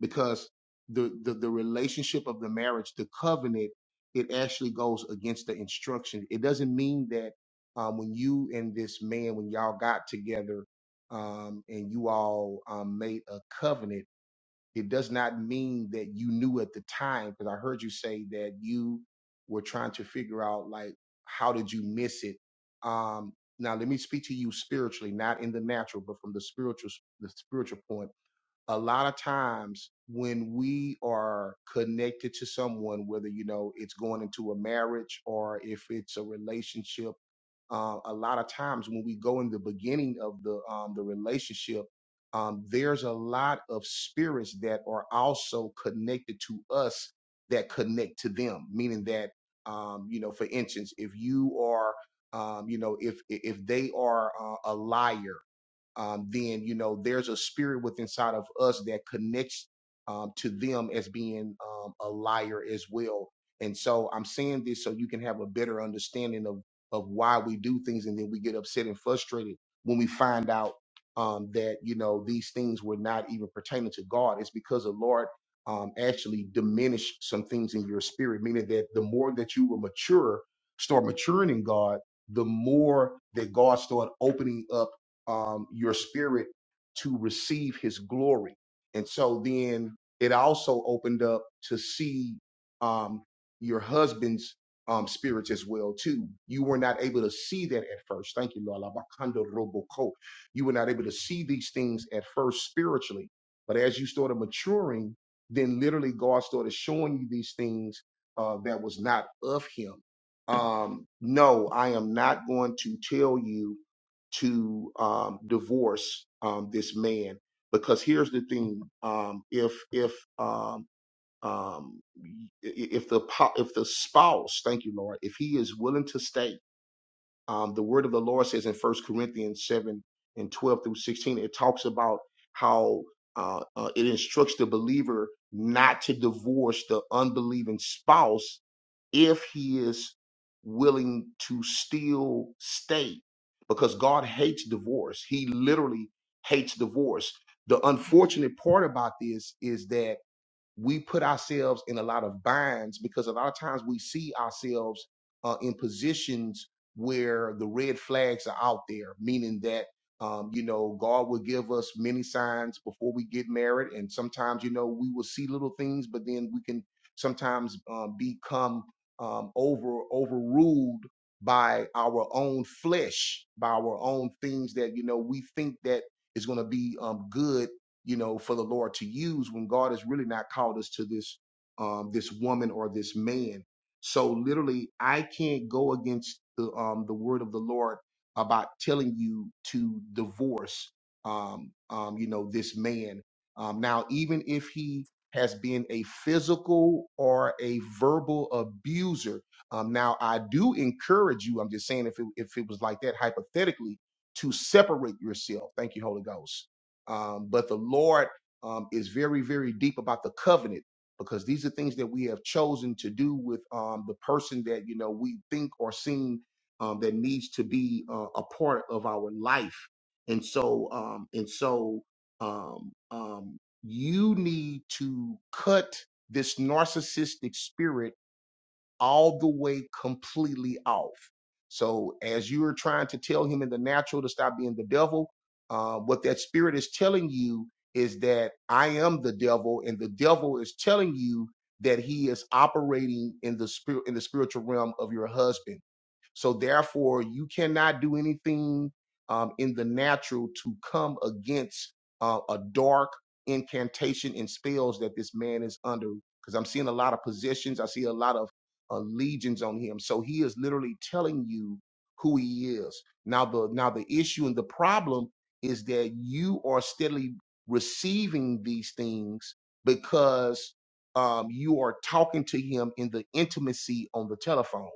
A: because the, the the relationship of the marriage, the covenant, it actually goes against the instruction. It doesn't mean that um, when you and this man, when y'all got together um, and you all um, made a covenant, it does not mean that you knew at the time. Because I heard you say that you were trying to figure out like how did you miss it. Um, now let me speak to you spiritually, not in the natural, but from the spiritual the spiritual point a lot of times when we are connected to someone, whether you know it's going into a marriage or if it's a relationship, uh, a lot of times when we go in the beginning of the um, the relationship, um, there's a lot of spirits that are also connected to us that connect to them, meaning that um, you know, for instance, if you are um, you know, if if they are uh, a liar um, then you know there's a spirit within inside of us that connects um, to them as being um, a liar as well. And so I'm saying this so you can have a better understanding of of why we do things, and then we get upset and frustrated when we find out um, that you know these things were not even pertaining to God. It's because the Lord um, actually diminished some things in your spirit, meaning that the more that you were mature, start maturing in God, the more that God started opening up um, your spirit to receive his glory. And so then it also opened up to see um, your husband's um, spirits as well too. You were not able to see that at first. Thank you, Lord. Labakando roboko. You were not able to see these things at first spiritually, but as you started maturing, then literally God started showing you these things uh, that was not of Him. Um, no, I am not going to tell you to um, divorce um, this man because here's the thing: um, if if um, um, if the po- if the spouse, thank you, Lord, if he is willing to stay, um, the word of the Lord says in First Corinthians seven and twelve through sixteen, it talks about how uh, uh, it instructs the believer not to divorce the unbelieving spouse if he is willing to still stay because God hates divorce. He literally hates divorce. The unfortunate part about this is that we put ourselves in a lot of binds because a lot of times we see ourselves uh, in positions where the red flags are out there, meaning that um, you know God will give us many signs before we get married, and sometimes you know we will see little things, but then we can sometimes um, become um, over overruled by our own flesh, by our own things that you know we think that is going to be um, good you know, for the Lord to use when God has really not called us to this um this woman or this man. So literally I can't go against the um the word of the Lord about telling you to divorce um um you know this man. Um now even if he has been a physical or a verbal abuser. Um, now I do encourage you, I'm just saying if it, if it was like that hypothetically, to separate yourself. Thank you, Holy Ghost um, but the Lord um, is very, very deep about the covenant because these are things that we have chosen to do with um, the person that you know we think or seem um, that needs to be uh, a part of our life, and so um, and so um, um, you need to cut this narcissistic spirit all the way completely off. So as you are trying to tell him in the natural to stop being the devil, uh, what that spirit is telling you is that I am the devil, and the devil is telling you that he is operating in the spirit in the spiritual realm of your husband so therefore, you cannot do anything um, in the natural to come against uh, a dark incantation and spells that this man is under. Because I'm seeing a lot of possessions, I see a lot of uh, legions on him. So he is literally telling you who he is. Now the now the issue and the problem is that you are steadily receiving these things because um, you are talking to him in the intimacy on the telephone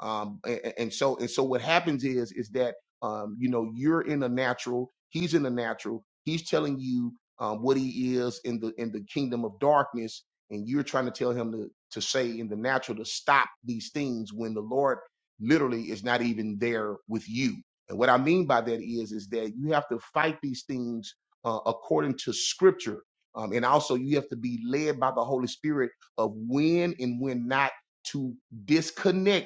A: um, a- and so and so what happens is is that um, you know you're in the natural he's in the natural he's telling you um, what he is in the in the kingdom of darkness and you're trying to tell him to, to say in the natural to stop these things when the lord literally is not even there with you and what i mean by that is is that you have to fight these things uh, according to scripture um, and also you have to be led by the holy spirit of when and when not to disconnect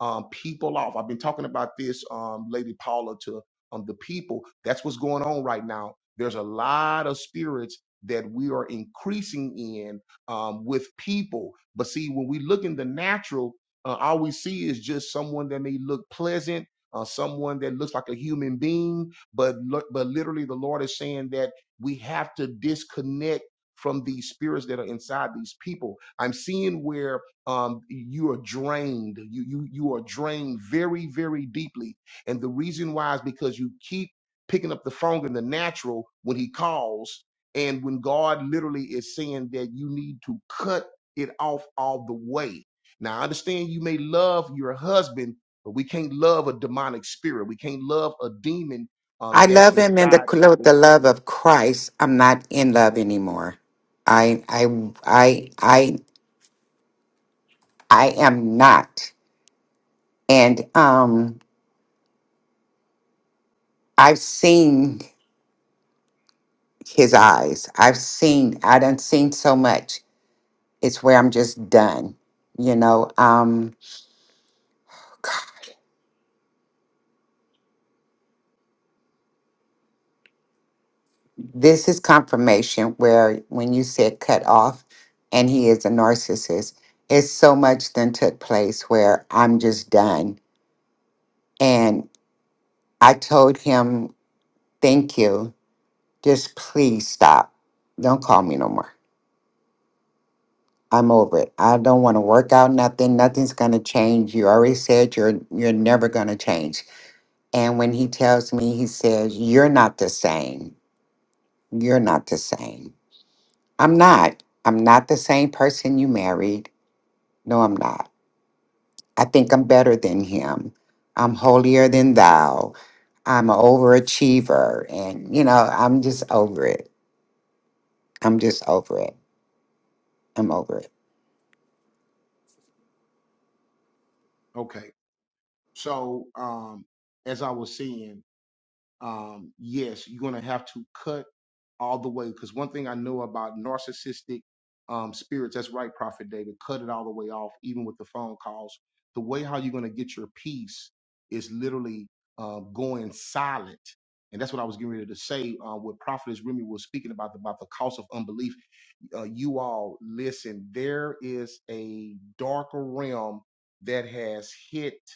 A: um, people off. I've been talking about this, um, Lady Paula, to um, the people. That's what's going on right now. There's a lot of spirits that we are increasing in um, with people. But see, when we look in the natural, uh, all we see is just someone that may look pleasant, uh, someone that looks like a human being. But lo- but literally, the Lord is saying that we have to disconnect from these spirits that are inside these people. I'm seeing where um, you are drained. You you you are drained very very deeply, and the reason why is because you keep picking up the phone in the natural when he calls, and when God literally is saying that you need to cut it off all the way. Now I understand you may love your husband, but we can't love a demonic spirit. We can't love a demon um,
D: I
A: that's
D: love him in the
A: inside.
D: with
A: the-
D: the love of Christ. I'm not in love anymore. I I I I I am not. And um, I've seen his eyes. I've seen, I done seen so much. It's where I'm just done. You know, um, this is confirmation where when you said cut off and he is a narcissist, it's so much then took place where I'm just done. And I told him, thank you. Just please stop. Don't call me no more I'm over it. I don't want to work out nothing. Nothing's going to change. You already said you're you're never going to change. And when he tells me, he says, "You're not the same. You're not the same. I'm not. I'm not the same person you married. No, I'm not. I think I'm better than him. I'm holier than thou. I'm an overachiever, and you know, I'm just over it. I'm just over it. I'm over it.
A: Okay, so um, as I was saying. um, yes, you're going to have to cut all the way. Because one thing I know about narcissistic um, spirits, that's right, Prophet David, cut it all the way off, even with the phone calls. The way how you're going to get your peace is literally uh, going silent. And that's what I was getting ready to say. Uh, what Prophetess Remy was speaking about about the cost of unbelief. Uh, you all listen. There is a darker realm that has hit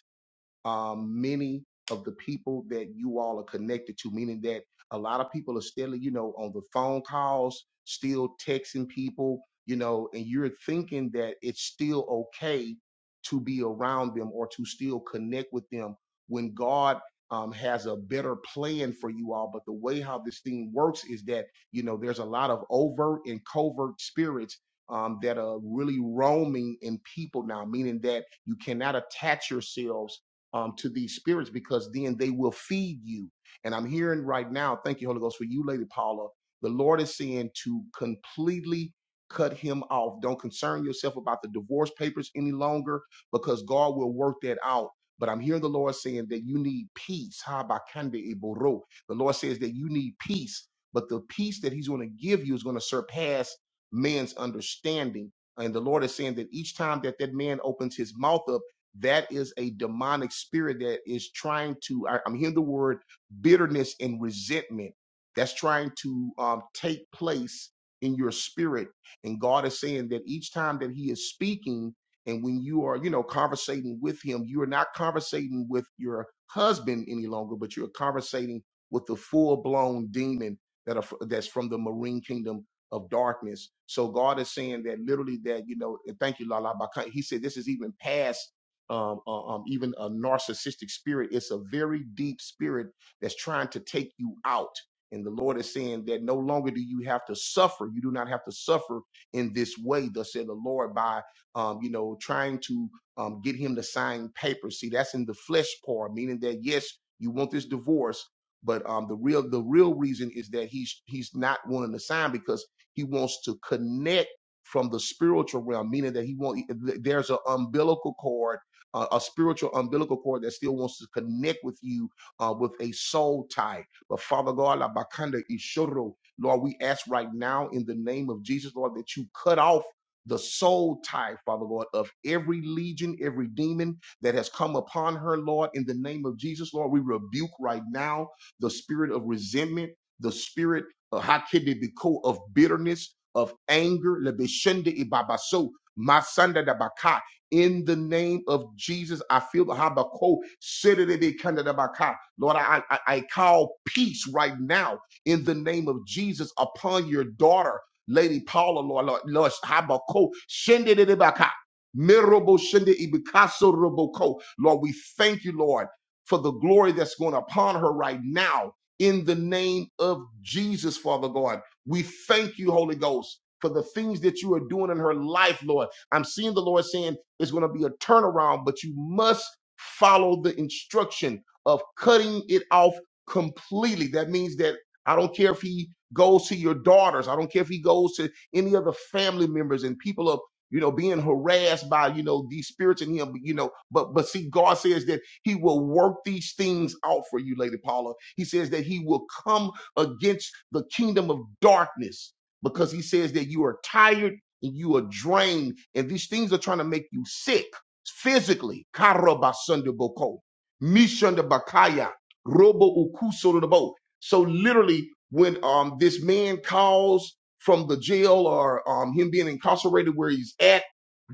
A: um, many of the people that you all are connected to, meaning that a lot of people are still, you know, on the phone calls, still texting people, you know, and you're thinking that it's still okay to be around them or to still connect with them when God um, has a better plan for you all. But the way how this thing works is that, you know, there's a lot of overt and covert spirits um, that are really roaming in people now, meaning that you cannot attach yourselves um, to these spirits because then they will feed you. And I'm hearing right now, thank you, Holy Ghost, for you, Lady Paula. The Lord is saying to completely cut him off. Don't concern yourself about the divorce papers any longer because God will work that out. But I'm hearing the Lord saying that you need peace. Ha, ba, kande, e, boro. The Lord says that you need peace, but the peace that He's going to give you is going to surpass man's understanding. And the Lord is saying that each time that that man opens his mouth up, that is a demonic spirit that is trying to I, i'm hearing the word bitterness and resentment that's trying to um, take place in your spirit and god is saying that each time that he is speaking and when you are you know conversating with him you are not conversating with your husband any longer but you're conversating with the full-blown demon that are, that's from the marine kingdom of darkness. So God is saying that literally that, you know, and thank you, Lala. Baka- He said this is even past um, uh, um, even a narcissistic spirit. It's a very deep spirit that's trying to take you out. And the Lord is saying that no longer do you have to suffer. You do not have to suffer in this way, thus said the Lord, by, um, you know, trying to um, get him to sign papers. See, that's in the flesh part, meaning that, yes, you want this divorce, but um, the real the real reason is that he's he's not wanting to sign because he wants to connect from the spiritual realm, meaning that he won't. There's an umbilical cord uh, a spiritual umbilical cord that still wants to connect with you uh, with a soul tie. But Father God, la bakanda ishoro, Lord, we ask right now in the name of Jesus, Lord, that you cut off the soul tie, Father God, of every legion, every demon that has come upon her, Lord, in the name of Jesus, Lord, we rebuke right now the spirit of resentment, the spirit uh, hakidibiko, of bitterness, of anger, lebeshende ibabaso, masanda dabaka, in the name of Jesus. I feel the Habakkuk. Sedede kandadabaka. Lord, I, I, I call peace right now in the name of Jesus upon your daughter, Lady Paula, Lord, Lord, Lord Habakkuk. Shendedebaka. Mirobo shende ibikaso roboko. Lord, we thank you, Lord, for the glory that's going upon her right now in the name of Jesus, Father God. We thank you, Holy Ghost, for the things that you are doing in her life, Lord. I'm seeing the Lord saying, it's going to be a turnaround, but you must follow the instruction of cutting it off completely. That means that I don't care if he goes to your daughters, I don't care if he goes to any other family members and people of you know being harassed by you know these spirits in him you know but but see god says that he will work these things out for you lady paula he says that he will come against the kingdom of darkness because he says that you are tired and you are drained, and these things are trying to make you sick physically. Karabasundaboko, Mishundabakaya, Robo Ukusorabo. So literally, when um this man calls from the jail or um him being incarcerated where he's at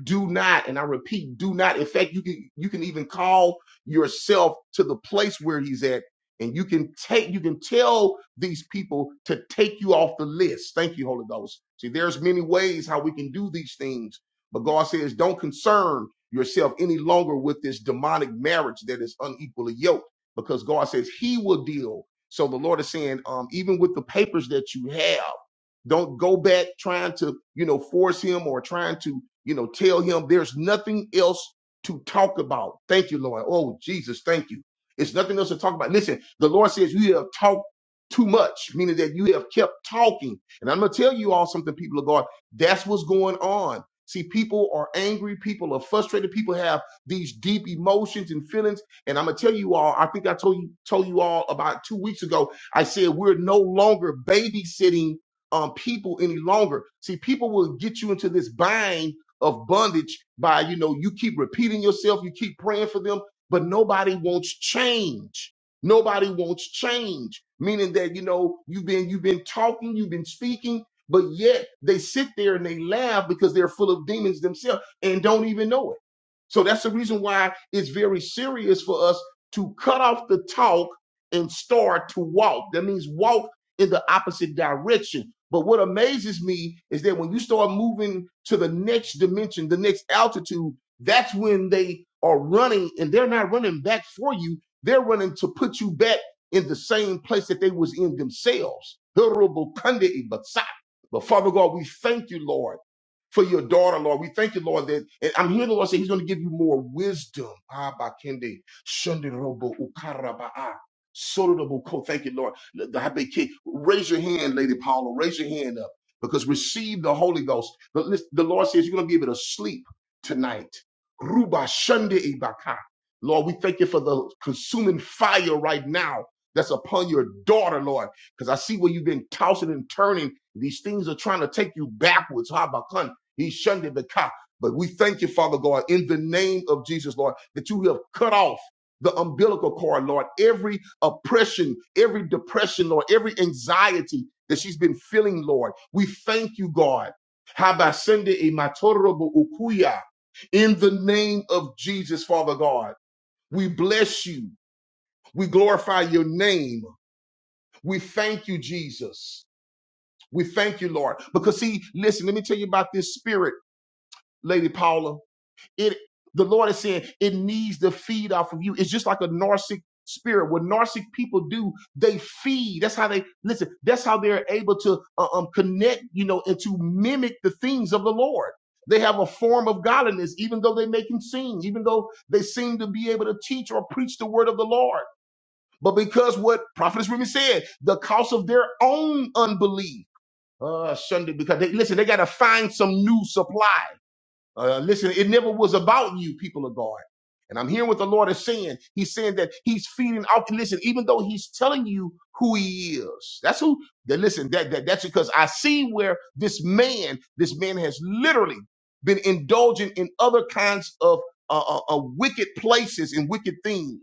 A: do not and i repeat do not in fact you can you can even call yourself to the place where he's at and you can take you can tell these people to take you off the list thank you holy ghost see there's many ways how we can do these things but god says don't concern yourself any longer with this demonic marriage that is unequally yoked because god says he will deal so the lord is saying um, even with the papers that you have don't go back trying to you know force him or trying to you know, tell him there's nothing else to talk about. Thank you, Lord. Oh, Jesus, thank you. It's nothing else to talk about. Listen, the Lord says you have talked too much, meaning that you have kept talking. And I'm going to tell you all something, people of God. That's what's going on. See, people are angry. People are frustrated. People have these deep emotions and feelings. And I'm gonna tell you all. I think I told you told you all about two weeks ago. I said we're no longer babysitting um, people any longer. See, people will get you into this bind of bondage by, you know, you keep repeating yourself, you keep praying for them, but nobody wants change. Nobody wants change, meaning that, you know, you've been, you've been talking, you've been speaking, but yet they sit there and they laugh because they're full of demons themselves and don't even know it. So that's the reason why it's very serious for us to cut off the talk and start to walk. That means walk in the opposite direction. But what amazes me is that when you start moving to the next dimension, the next altitude, that's when they are running and they're not running back for you. They're running to put you back in the same place that they was in themselves. But Father God, we thank you, Lord for your daughter, Lord. We thank you, Lord, that and I'm hearing the Lord say He's going to give you more wisdom. Abba Kende, Shende Robo, Ukara Ba'a, Soto de Thank you, Lord. The- the happy kid. Raise your hand, Lady Paula. Raise your hand up because receive the Holy Ghost. The, listen, the Lord says you're going to be able to sleep tonight. Ruba Shende Ibaka. Lord, we thank you for the consuming fire right now that's upon your daughter, Lord, because I see where you've been tossing and turning. These things are trying to take you backwards. Habakkuk. He shunned it, but cop. But we thank you, Father God, in the name of Jesus, Lord, that you have cut off the umbilical cord, Lord, every oppression, every depression, Lord, every anxiety that she's been feeling, Lord. We thank you, God. Habasende e matorobo ukuya. In the name of Jesus, Father God, we bless you. We glorify your name. We thank you, Jesus. We thank you, Lord. Because, see, listen, let me tell you about this spirit, Lady Paula. It the Lord is saying it needs to feed off of you. It's just like a narcissic spirit. What narcissic people do, they feed. That's how they listen. That's how they're able to uh, um connect, you know, and to mimic the things of the Lord. They have a form of godliness, even though they make him sing, even though they seem to be able to teach or preach the word of the Lord. But because what Prophetess Remy said, the cost of their own unbelief. Uh, Sunday, because they listen, they got to find some new supply. Uh, listen, it never was about you, people of God. And I'm hearing what the Lord is saying. He's saying that He's feeding off. Listen, even though He's telling you who He is, that's who. That listen, that, that that's because I see where this man, this man has literally been indulging in other kinds of uh, uh, uh, wicked places and wicked things.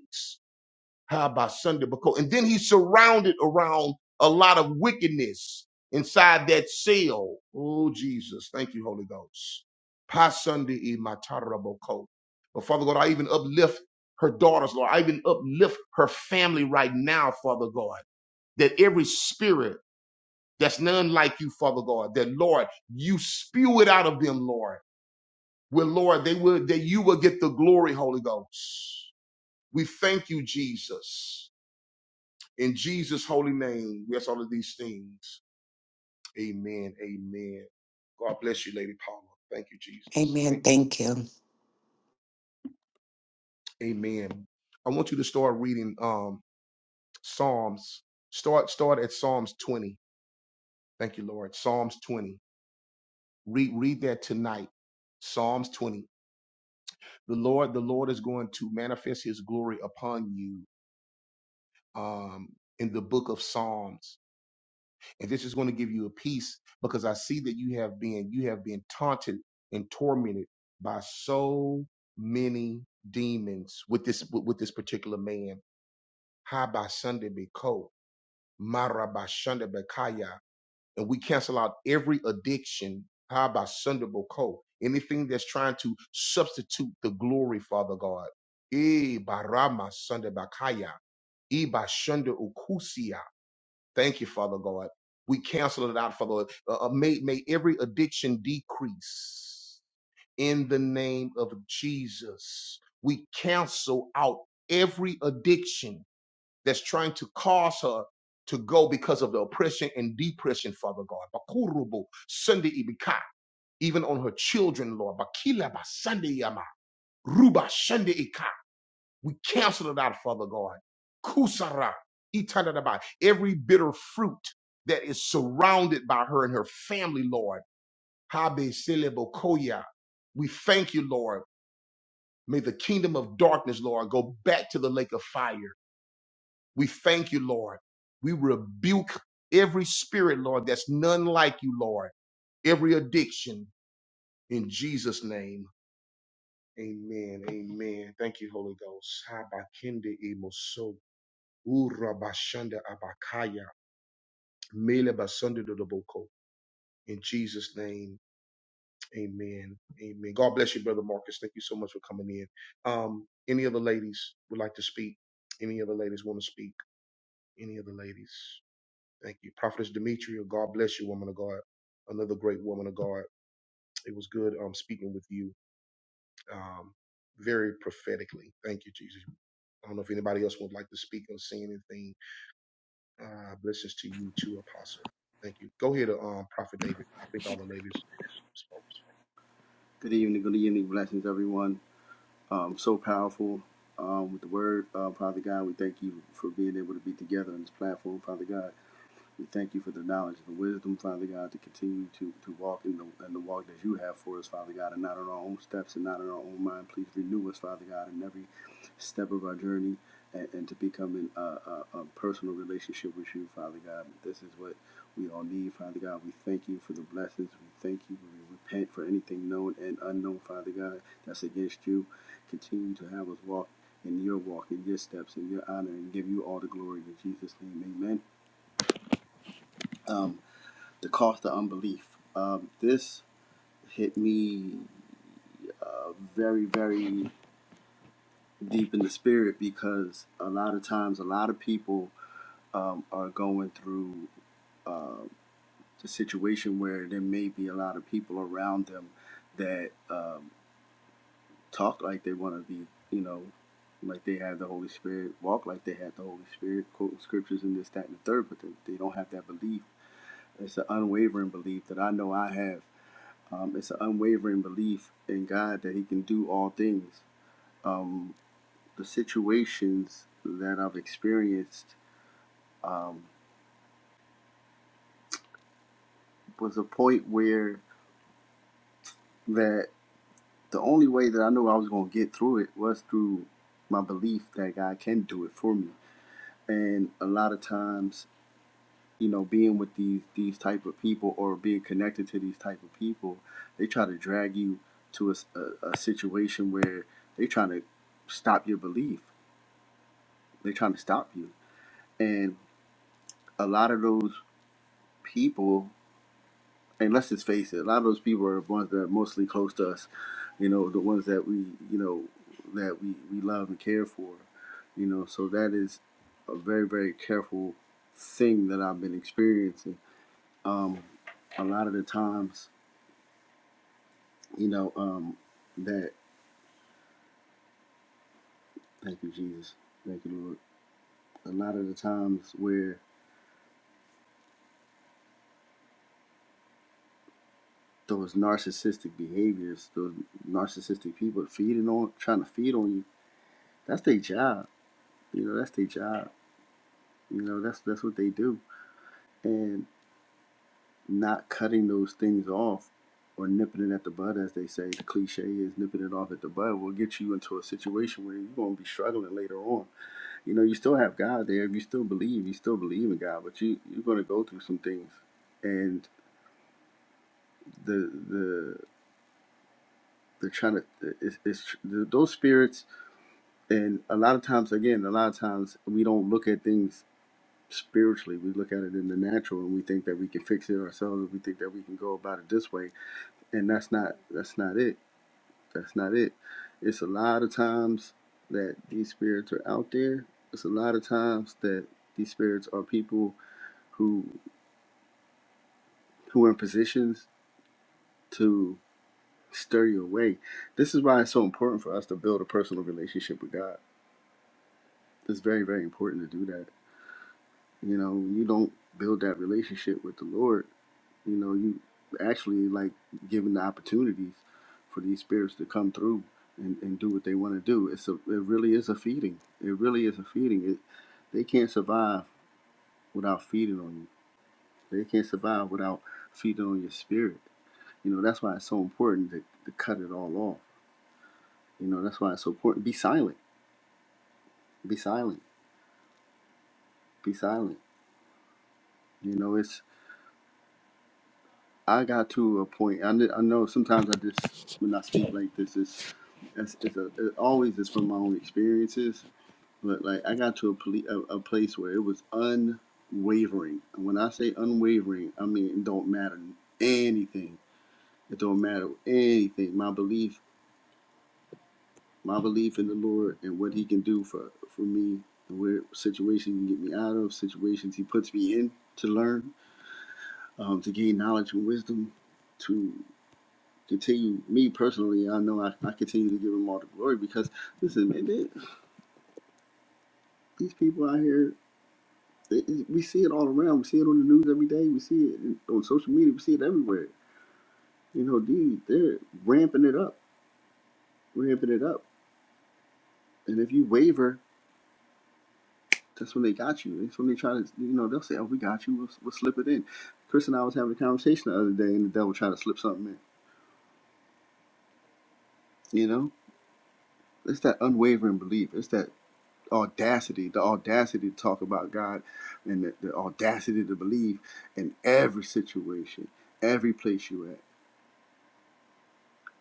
A: How about Sunday? Because and then he's surrounded around a lot of wickedness inside that cell. Oh Jesus, thank you, Holy Ghost. Pa Sunday in my But Father God, I even uplift her daughters, Lord. I even uplift her family right now, Father God. That every spirit that's none like you, Father God, that Lord, you spew it out of them, Lord. Where Lord, they will that you will get the glory, Holy Ghost. We thank you, Jesus. In Jesus' holy name, we ask all of these things. Amen. Amen. God bless you, Lady Paula. Thank you, Jesus.
D: Amen.
A: Thank you.
D: Thank you.
A: Lord. Amen. I want you to start reading um, Psalms. Start start at Psalms 20. Thank you, Lord. Psalms 20. Read read that tonight. Psalms 20. The Lord, the Lord is going to manifest his glory upon you um, in the book of Psalms. and this is going to give you a peace because I see that you have been you have been taunted and tormented by so many demons with this with, with this particular man. Haba Sunday Beko, Maraba Sunday Bekaya, and we cancel out every addiction. Haba Sunday Beko, anything that's trying to substitute the glory, Father God. E Barama Sunday Bakaya, E Bashunda Ukusia. Thank you, Father God. We cancel it out, Father. Uh, uh, may, may every addiction decrease in the name of Jesus. We cancel out every addiction that's trying to cause her to go because of the oppression and depression, Father God. Bakurubu, Sunday Ibika, even on her children, Lord. Bakila ba Sunday Yama. Ruba Sunday Ika. We cancel it out, Father God. Kusara, itanadaba, every bitter fruit that is surrounded by her and her family, Lord. Habe selebokoya. We thank you, Lord. May the kingdom of darkness, Lord, go back to the lake of fire. We thank you, Lord. We rebuke every spirit, Lord, that's none like you, Lord. Every addiction in Jesus' name. Amen. Amen. Thank you, Holy Ghost. Habakende imoso. Urabashanda Abakaya. Mele Basanda Dodoboko. In Jesus' name, amen. Amen. God bless you, Brother Marcus. Thank you so much for coming in. Um, any other ladies would like to speak? Any other ladies want to speak? Any other ladies? Thank you. Prophetess Demetria, God bless you, woman of God. Another great woman of God. It was good um, speaking with you um, very prophetically. Thank you, Jesus. I don't know if anybody else would like to speak or say anything Uh, blessings to you too, Apostle. Thank you. Go ahead, um, Prophet David. I think all the ladies spoke.
E: Good evening, good evening, blessings, everyone. Um, so powerful um, with the word, uh, Father God. We thank you for being able to be together on this platform, Father God. We thank you for the knowledge, the wisdom, Father God, to continue to, to walk in the, in the walk that you have for us, Father God, and not on our own steps and not in our own mind. Please renew us, Father God, in every step of our journey and, and to become in a, a, a personal relationship with you, Father God. This is what we all need, Father God. We thank you for the blessings. We thank you. We repent for anything known and unknown, Father God, that's against you. Continue to have us walk in your walk, in your steps, in your honor, and give you all the glory in Jesus' name. Amen. Um, the cost of unbelief. Um, this hit me uh, very, very deep in the spirit because a lot of times, a lot of people um, are going through uh, a situation where there may be a lot of people around them that um, talk like they want to be, you know, like they have the Holy Spirit, walk like they have the Holy Spirit, quoting scriptures and this, that, and the third, but they, they don't have that belief. It's an unwavering belief that I know I have Um, it's an unwavering belief in God that He can do all things. Um, the situations that I've experienced um, was a point where that the only way that I knew I was going to get through it was through my belief that God can do it for me. And a lot of times, you know, being with these these type of people or being connected to these type of people, they try to drag you to a a, a situation where they are trying to stop your belief. They are trying to stop you And a lot of those people, and let's just face it, a lot of those people are the ones that are mostly close to us, you know, the ones that we, you know, that we, we love and care for, you know. So that is a very, very careful thing that I've been experiencing. Um, a lot of the times, you know, um, that, thank you, Jesus, thank you, Lord. A lot of the times where those narcissistic behaviors, those narcissistic people feeding on, trying to feed on you, that's their job You know, that's their job. You know, that's that's what they do. And not cutting those things off or nipping it at the bud, as they say, the cliche is nipping it off at the bud will get you into a situation where you're gonna be struggling later on. You know, you still have God there, if you still believe, you still believe in God, but you you're gonna go through some things. And the the they're trying to it's, it's those spirits and a lot of times again a lot of times we don't look at things spiritually. We look at it in the natural and we think that we can fix it ourselves. We think that we can go about it this way, and that's not that's not it. That's not it. It's a lot of times that these spirits are out there. It's a lot of times that these spirits are people who who are in positions to stir you away. This is why it's so important for us to build a personal relationship with God. It's very very important to do that. You know, you don't build that relationship with the Lord You know, you actually like giving the opportunities for these spirits to come through and, and do what they want to do. It's a, it really is a feeding. It really is a feeding. It, they can't survive without feeding on you. They can't survive without feeding on your spirit. You know, that's why it's so important to, to cut it all off. You know, that's why it's so important. Be silent. Be silent. Be silent. You know, it's, I got to a point, I, kn- I know sometimes I just, when I speak like this, it's, it's, it's, a, it always is from my own experiences but like I got to a, poli- a, a place where it was unwavering. And when I say unwavering, I mean it don't matter anything. It don't matter anything. My belief, my belief in the Lord and what He can do for for me, and where situations He can get me out of, situations He puts me in to learn, um, to gain knowledge and wisdom, to continue me personally. I know I, I continue to give Him all the glory because listen, man, they- these people out here it, it- we see it all around. We see it on the news every day. We see it in- on social media. We see it everywhere. You know, these they're ramping it up, ramping it up. And if you waver, that's when they got you. That's when they try to, you know, they'll say, "Oh, we got you. We'll, we'll slip it in." Chris and I was having a conversation the other day, and the devil tried to slip something in. You know, it's that unwavering belief. It's that audacity, the audacity to talk about God, and the, the audacity to believe in every situation, every place you at.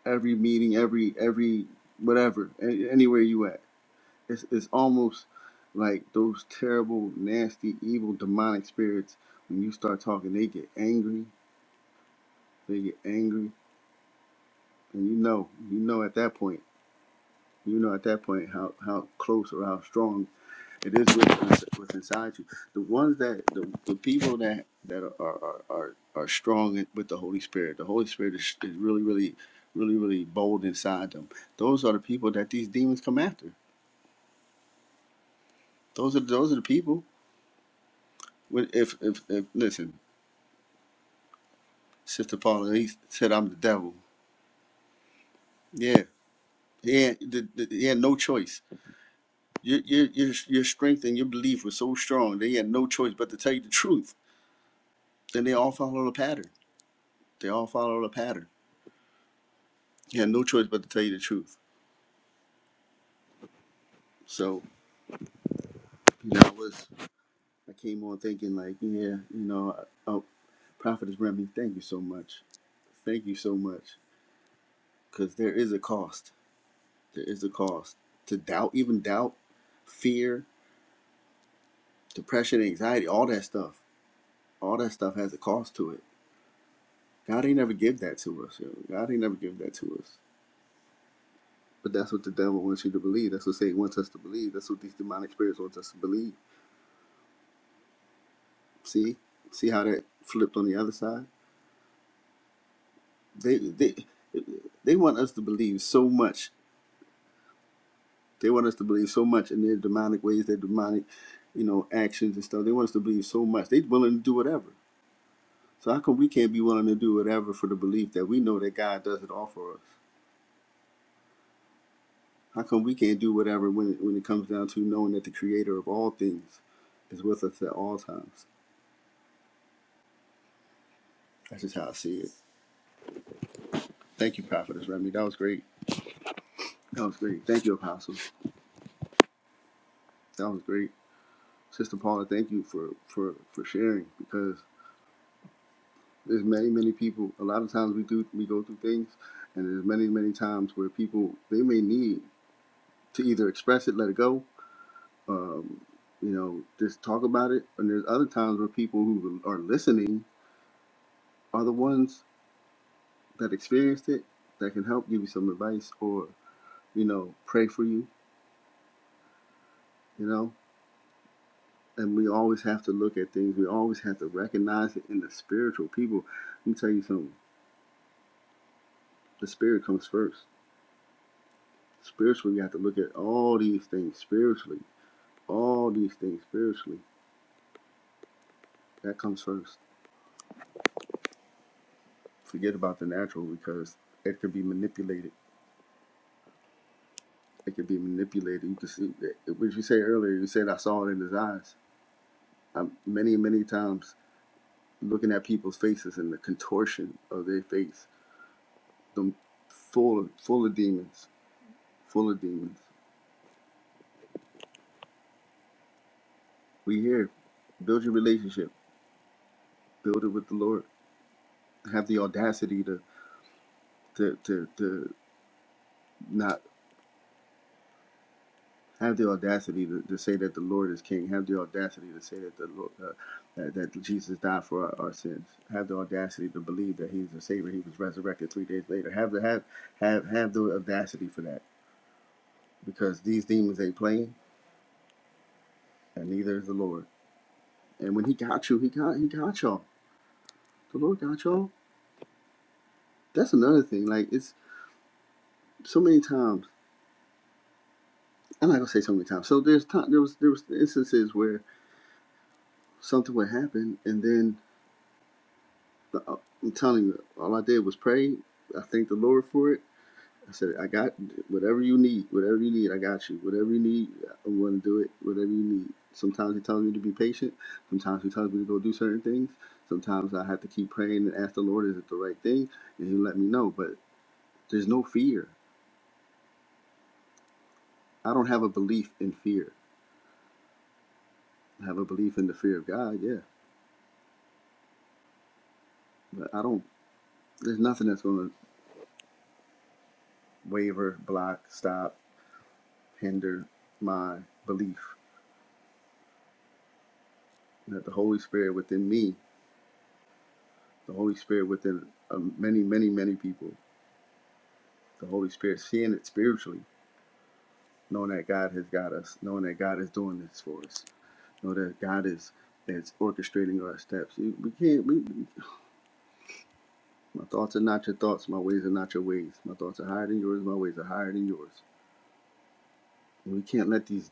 E: every meeting, every every whatever, anywhere you at. It's it's almost like those terrible, nasty, evil, demonic spirits. When you start talking, they get angry. They get angry, and you know, you know at that point, you know at that point how how close or how strong it is with what's inside you. The ones that the, the people that that are are, are are strong with the Holy Spirit. The Holy Spirit is, is really, really, really, really bold inside them those are the people that these demons come after. Those are those are the people. When- If if, if listen, Sister Paula, he said I'm the devil. Yeah, he had, the, the, he had no choice. Your your your your strength and your belief was so strong. They had no choice but to tell you the truth. Then they all follow the pattern. They all follow the pattern. He had no choice but to tell you the truth. So you know, I was I came on thinking like, yeah, you know, uh, oh, Prophetess Remy, thank you so much. Thank you so much, because there is a cost. There is a cost to doubt, even doubt, fear depression, anxiety, all that stuff, all that stuff has a cost to it. God ain't never give that to us. Yo. God ain't never give that to us. But that's what the devil wants you to believe. That's what Satan wants us to believe. That's what these demonic spirits want us to believe. See, see how that flipped on the other side. They they they want us to believe so much. They want us to believe so much in their demonic ways, their demonic, you know, actions and stuff. They want us to believe so much. They willing to do whatever. So how come we can't be willing to do whatever for the belief that we know that God does it all for us? How come we can't do whatever when it, when it comes down to knowing that the creator of all things is with us at all times? That's just how I see it. Thank you, Prophetess Remy. That was great. That was great. Thank you, Apostle. That was great. Sister Paula, thank you for, for, for sharing because there's many, many people. A lot of times we do we go through things and there's many, many times where people they may need to either express it, let it go, um, you know, just talk about it. And there's other times where people who are listening are the ones that experienced it that can help give you some advice or you know pray for you you know and we always have to look at things we always have to recognize it in the spiritual people let me tell you something the spirit comes first spiritually you have to look at all these things spiritually all these things spiritually that comes first forget about the natural because it could be manipulated it could be manipulated you can see what you said earlier you said i saw it in his eyes um, many many times looking at people's faces and the contortion of their face, them full of full of demons, full of demons. We here build your relationship, build it with the Lord. Have the audacity to to to, to not have the audacity to, to say that the Lord is King. Have the audacity to say that the Lord uh, that, that Jesus died for our, our sins. Have the audacity to believe that He's the Savior. He was resurrected three days later. Have the have have have the audacity for that because these demons ain't playing and neither is the Lord. And when he got you, he got he got y'all. The Lord got y'all. That's another thing. Like it's so many times. I'm not gonna say so many times. So there's time. There was there was instances where something would happen, and then the, uh, I'm telling you, all I did was pray. I thanked the Lord for it. I said, I got whatever you need. Whatever you need, I got you. Whatever you need, I'm gonna do it. Whatever you need. Sometimes He tells me to be patient. Sometimes He tells me to go do certain things. Sometimes I have to keep praying and ask the Lord, is it the right thing? And He'll let me know. But there's no fear I don't have a belief in fear. I have a belief in the fear of God, yeah. But I don't, there's nothing that's going to waver, block, stop, hinder my belief that the Holy Spirit within me, the Holy Spirit within uh, many, many, many people, the Holy Spirit, seeing it spiritually, knowing that God has got us, knowing that God is doing this for us, know that God is that's orchestrating our steps. We can't. we- my thoughts are not your thoughts. My ways are not your ways. My thoughts are higher than yours. My ways are higher than yours. And we can't let these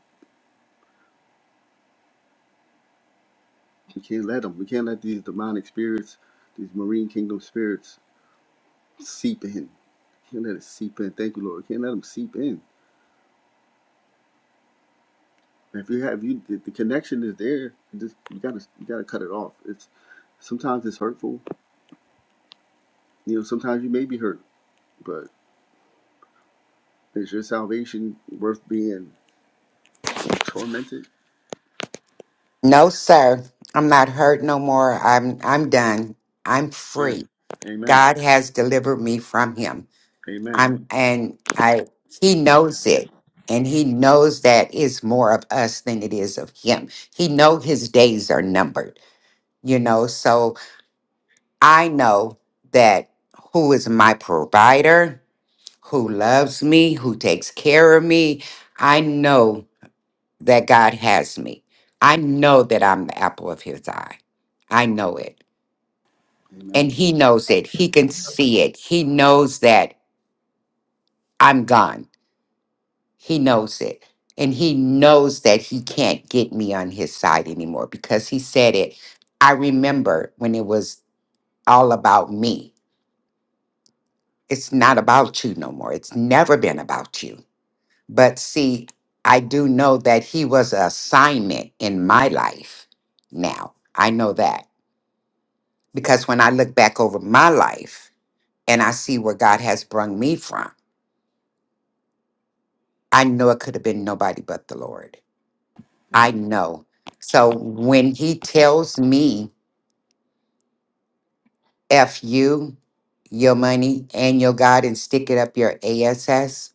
E: We can't let them. We can't let these demonic spirits, these marine kingdom spirits, seep in. We Can't let it seep in. Thank you, Lord. We Can't let them seep in. If you have you, the, the connection is there. You just you gotta you gotta cut it off. It's sometimes it's hurtful. You know, sometimes you may be hurt, but is your salvation worth being tormented?
D: No, sir. I'm not hurt no more. I'm I'm done. I'm
E: Man,
D: free.
E: Amen,
D: God has delivered me from him.
E: Amen,
D: I'm and I he knows it. And he knows that it's more of us than it is of him. He know his days are numbered, you know. So I know that who is my provider, who loves me, who takes care of me. I know that God has me. I know that I'm the apple of his eye. I know it.
E: Amen,
D: And he knows it. He can see it. He knows that I'm gone. He knows it. And he knows that he can't get me on his side anymore because he said it. I remember when it was all about me. It's not about you no more. It's never been about you. But see, I do know that he was an assignment in my life now. I know that. Because when I look back over my life and I see where God has brought me from, I know it could have been nobody but the Lord. I
E: Amen.
D: know. So when He tells me, F you, your money, and your God, and stick it up your ASS,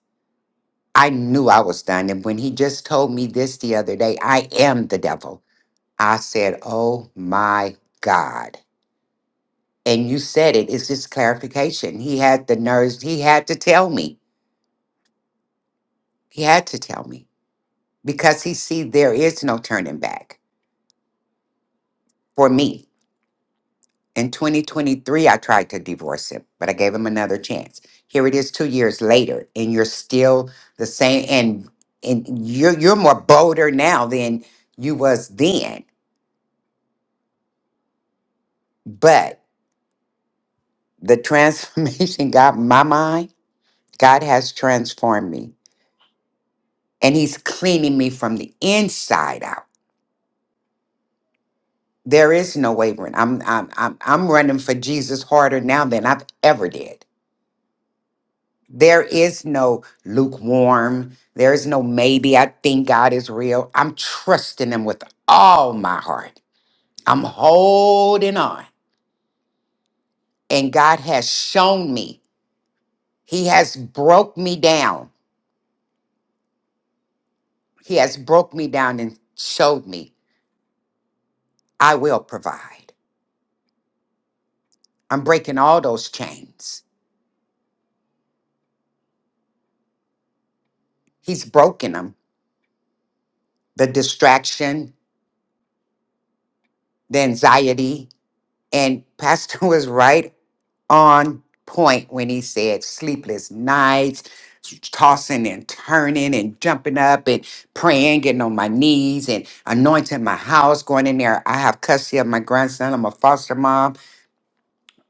D: I knew I was done. And when He just told me this the other day, I am the devil, I said, Oh my God. And you said it, it's just clarification. He had the nerves, He had to tell me. He had to tell me. because he see there is no turning back for me in 2023 i tried to divorce him but i gave him another chance here it is two years later and you're still the same and and you're you're more bolder now than you was then but the transformation [laughs] got my mind god has transformed me and he's cleaning me from the inside out there is no wavering i'm i'm i'm, I'm running for jesus harder now than i've ever did There is no lukewarm. There is no maybe. I think God is real. I'm trusting Him with all my heart. I'm holding on. And God has shown me. He has broke me down. He has broke me down and showed me I will provide. I'm breaking all those chains. He's broken them. The distraction, the anxiety. And Pastor [laughs] was right on point when he said sleepless nights, tossing and turning and jumping up and praying, getting on my knees and anointing my house, going in there. I have custody of my grandson. I'm a foster mom.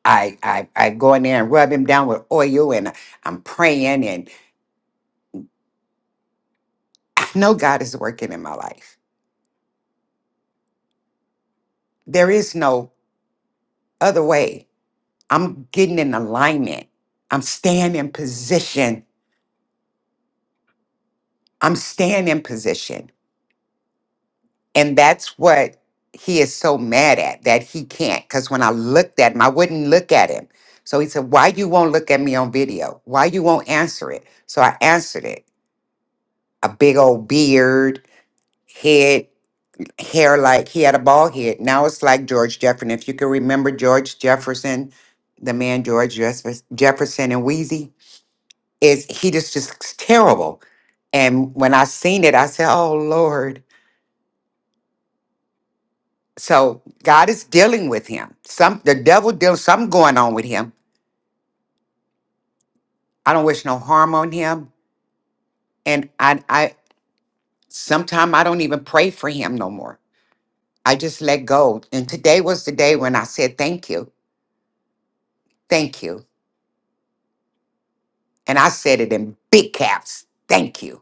D: I I, I go in there and rub him down with oil and I'm praying and I know God is working in my life. There is no other way. I'm getting in alignment. I'm staying in position. I'm staying in position. And that's what he is so mad at that he can't. Because when I looked at him, I wouldn't look at him. So he said, Why you won't look at me on video? Why you won't answer it? So I answered it. A big old beard, head, hair like he had a bald head. Now it's like George Jefferson. If you can remember George Jefferson, the man George Jeffers- Jefferson and Wheezy, is he just just terrible. And when I seen it, I said, Oh Lord. So God is dealing with him. Some the devil deals something going on with him. I don't wish no harm on him. And I I sometimes I don't even pray for him no more. I just let go. And today was the day when I said thank you. Thank you. And I said it in big caps. Thank you.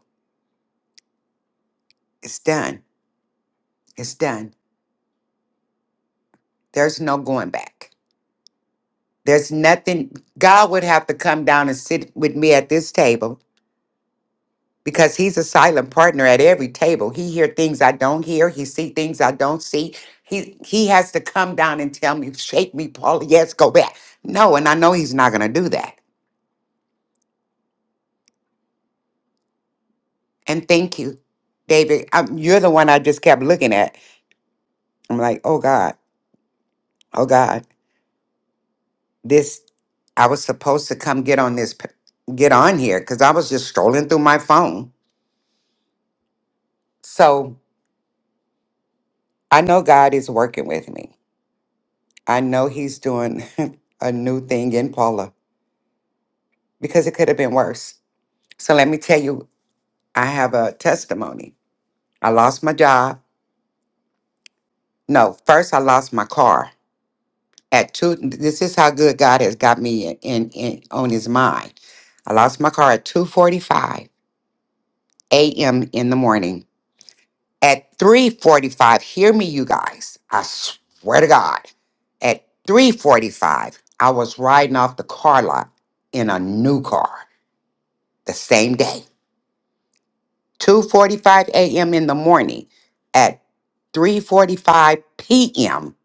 D: It's done. It's done. There's no going back. There's nothing God would have to come down and sit with me at this table because he's a silent partner at every table. He hear things I don't hear. He see things I don't see. He he has to come down and tell me, shake me, Paula. Yes, go back. No, and I know he's not going to do that. And thank you, David. Um you're the one I just kept looking at. I'm like, oh God, oh God, this. I was supposed to come get on this, p- get on here, because I was just strolling through my phone. So I know God is working with me. I know He's doing [laughs] a new thing in Paula. because it could have been worse. So let me tell you, I have a testimony. I lost my job. No, first I lost my car. At two, this is how good God has got me in, in, in on His mind. I lost my car at two forty-five a.m. in the morning. At three forty-five, hear me, you guys. I swear to God, at three forty-five, I was riding off the car lot in a new car the same day. 2:45 a.m. in the morning. At 3:45 p.m.,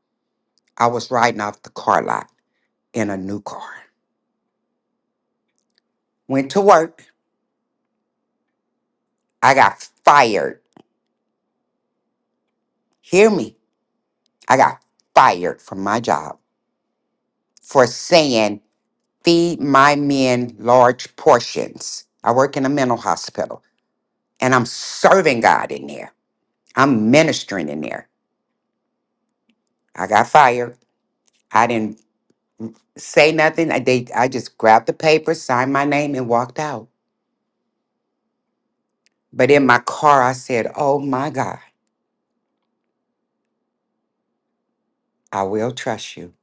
D: I was riding off the car lot in a new car. Went to work. I got fired. Hear me. I got fired from my job for saying feed my men large portions. I work in a mental hospital and I'm serving God in there. I'm ministering in there. I got fired. I didn't say nothing. I did I just grabbed the paper, signed my name and walked out. But in my car, I said, Oh my God, I will trust you.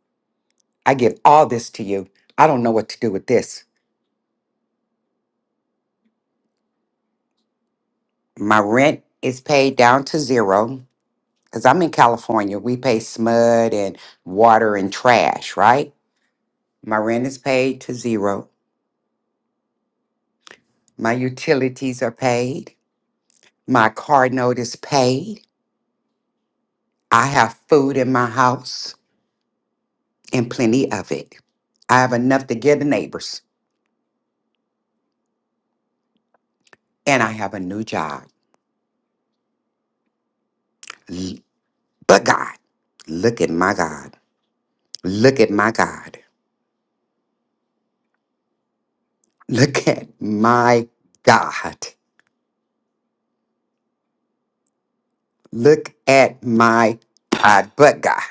D: I give all this to you. I don't know what to do with this. My rent is paid down to zero because I'm in California. We pay smud and water and trash, right? My rent is paid to zero. My utilities are paid. My car note is paid. I have food in my house and plenty of it. I have enough to give the neighbors, and I have a new job. But God, look at my God. Look at my God. Look at my God. Look at my God, but God.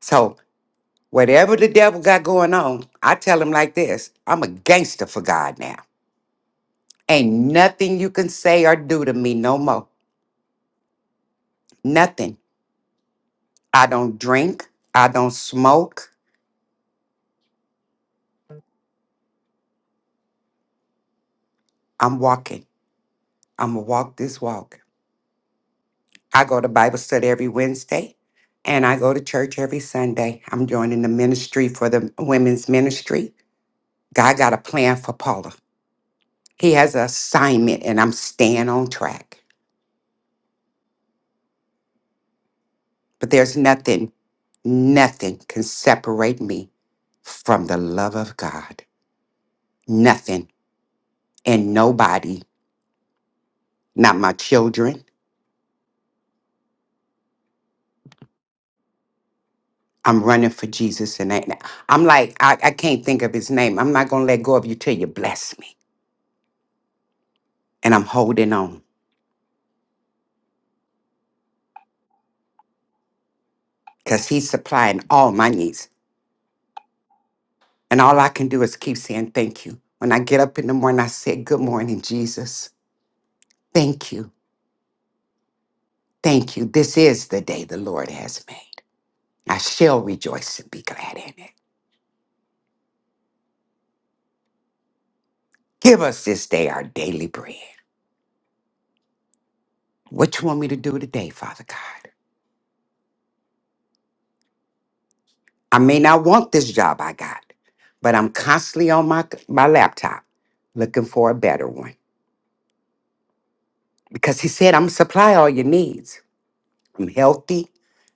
D: So, whatever the devil got going on, I tell him like this I'm a gangster for God now. Ain't nothing you can say or do to me no more. Nothing. I don't drink. I don't smoke. I'm walking. I'm going to walk this walk. I go to Bible study every Wednesday and I go to church every Sunday. I'm joining the ministry for the women's ministry. God got a plan for Paula. He has an assignment and I'm staying on track. But there's nothing, nothing can separate me from the love of God. Nothing and nobody, not my children. I'm running for Jesus and I, I'm like, I, I can't think of his name. I'm not going to let go of you till you bless me. And I'm holding on. because he's supplying all my needs. And all I can do is keep saying thank you. When I get up in the morning, I say, Good morning, Jesus. Thank you. Thank you. This is the day the Lord has made. I shall rejoice and be glad in it. Give us this day our daily bread. What you want me to do today, Father God? I may not want this job I got, but I'm constantly on my, my laptop looking for a better one. Because he said, I'm supply all your needs. I'm healthy.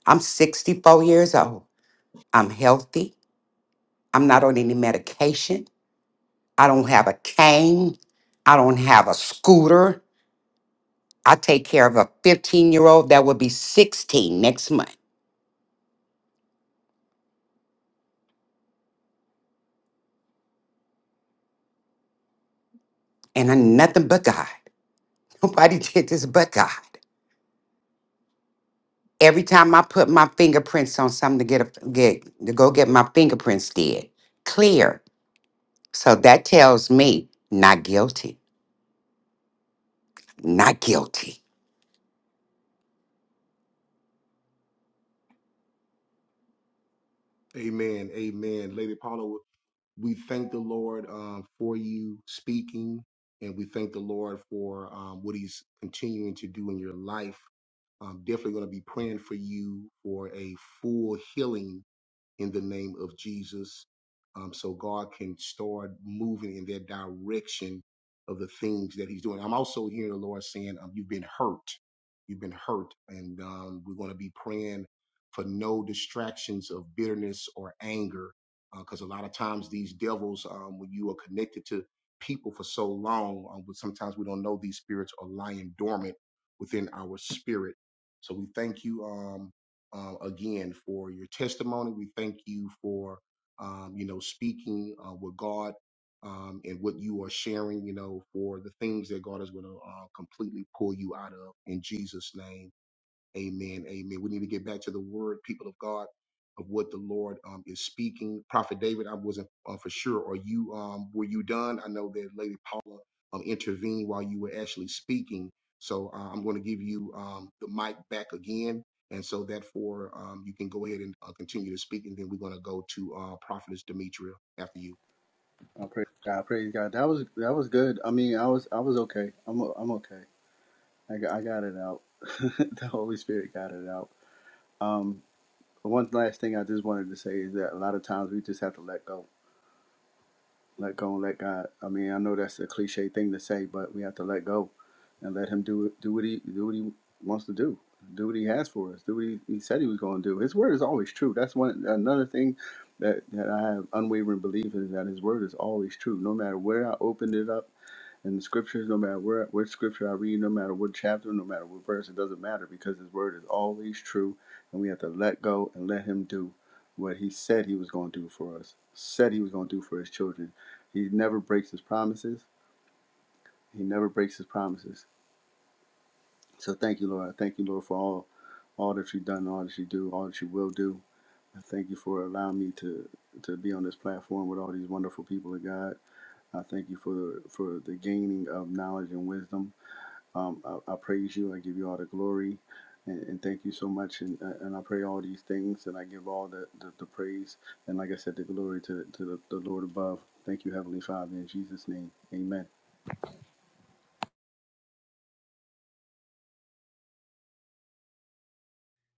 D: I'm 64 years old. I'm healthy. I'm not on any medication. I don't have a cane. I don't have a scooter. I take care of a 15 year old that will be 16 next month. And I'm nothing but God. [laughs] Nobody did this but God. Every time I put my fingerprints on something to get a get to go get my fingerprints did, clear. So that tells me not guilty. Not guilty.
A: Amen. Amen. Lady Paula, we thank the Lord um, for you speaking, and we thank the Lord for um, what He's continuing to do in your life. I'm definitely going to be praying for you for a full healing in the name of Jesus. Um, so God can start moving in that direction of the things that He's doing. I'm also hearing the Lord saying, um, You've been hurt. You've been hurt. And um, we're going to be praying for no distractions of bitterness or anger. Because uh, a lot of times these devils, um, when you are connected to people for so long, um, but sometimes we don't know these spirits are lying dormant within our spirit. So we thank you. Um, um, again for your testimony. We thank you for um, you know speaking uh, with God um, and what you are sharing. You know for the things that God is going to uh, completely pull you out of in Jesus' name. Amen. Amen. We need to get back to the word, people of God, of what the Lord um, is speaking. Prophet David, I wasn't uh, for sure. Are you, um, were you done? I know that Lady Paula um, intervened while you were actually speaking. So uh, I'm going to give you um, the mic back again. And so therefore, um, you can go ahead and uh, continue to speak. And then we're going to go to uh, Prophetess Demetria after you.
E: I pray. God. praise God. That was that was good. I mean, I was I was okay. I'm i I'm okay. I got, I got it out. [laughs] the Holy Spirit got it out. Um, one last thing I just wanted to say is that a lot of times we just have to let go, let go and let God. I mean, I know that's a cliche thing to say, but we have to let go and let Him do do what He do what He wants to do, do what He has for us, do what He, he said He was going to do. His word is always true. That's one another thing that that I have unwavering belief in is that His word is always true, no matter where I opened it up and the scriptures, no matter where which scripture I read, no matter what chapter, no matter what verse, it doesn't matter because his word is always true and we have to let go and let him do what he said he was going to do for us, said he was going to do for his children. He never breaks his promises. He never breaks his promises. So thank you, Lord. I thank you, Lord, for all all that you've done, all that you do, all that you will do. I thank you for allowing me to to be on this platform with all these wonderful people of God. I thank you for the for the gaining of knowledge and wisdom. Um, I, I praise you. I give you all the glory. And, and thank you so much. And, uh, and I pray all these things. And I give all the, the, the praise. And like I said, the glory to, to the, the Lord above. Thank you, Heavenly Father. In Jesus' name, amen.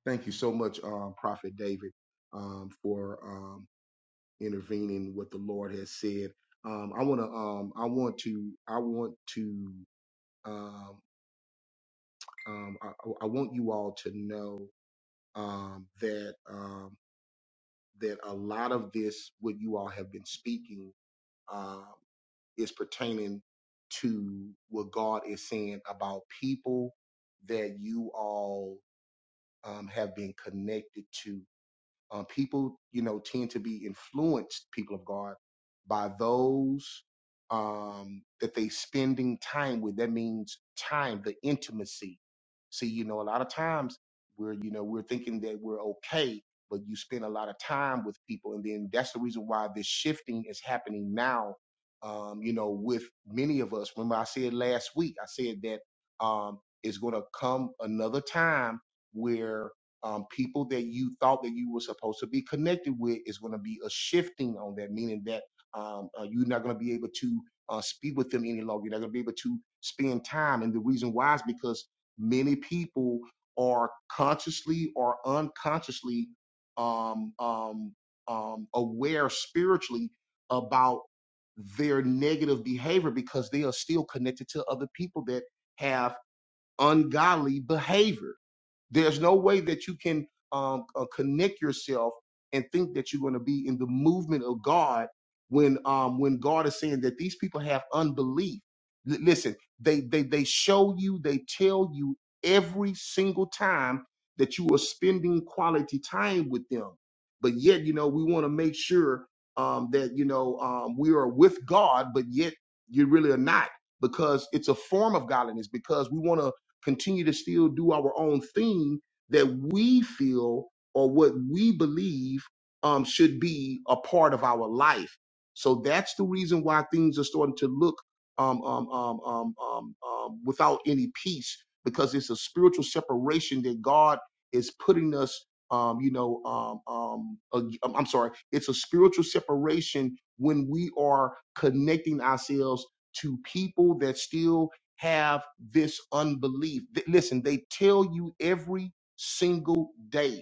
A: Thank you so much, um, Prophet David, um, for um, intervening what the Lord has said. Um, I want to, um, I want to, I want to, um, um, I, I want you all to know um, that um, that a lot of this, what you all have been speaking, uh, is pertaining to what God is saying about people that you all um, have been connected to Uh, people, you know, tend to be influenced, people of God, by those um, that they spending time with. That means time, the intimacy. See, you know, a lot of times we're, you know, we're thinking that we're okay, but you spend a lot of time with people, and then that's the reason why this shifting is happening now. Um, you know, with many of us. Remember, I said last week, I said that um, it's going to come another time where um, people that you thought that you were supposed to be connected with is going to be a shifting on that, meaning that um, uh, you're not going to be able to uh, speak with them any longer. You're not going to be able to spend time. And the reason why is because many people are consciously or unconsciously um, um, um, aware spiritually about their negative behavior because they are still connected to other people that have ungodly behavior there's no way that you can um, uh, connect yourself and think that you're going to be in the movement of God when um, when God is saying that these people have unbelief. L- listen, they they they show you, they tell you every single time that you are spending quality time with them, but yet you know we want to make sure um, that you know um, we are with God, but yet you really are not because it's a form of godliness because we want to continue to still do our own thing that we feel or what we believe um, should be a part of our life. So that's the reason why things are starting to look um, um, um, um, um, um, without any peace because it's a spiritual separation that God is putting us. Um, you know, um, um, ag- I'm I'm sorry. It's a spiritual separation when we are connecting ourselves to people that still have this unbelief. Th- Listen, they tell you every single day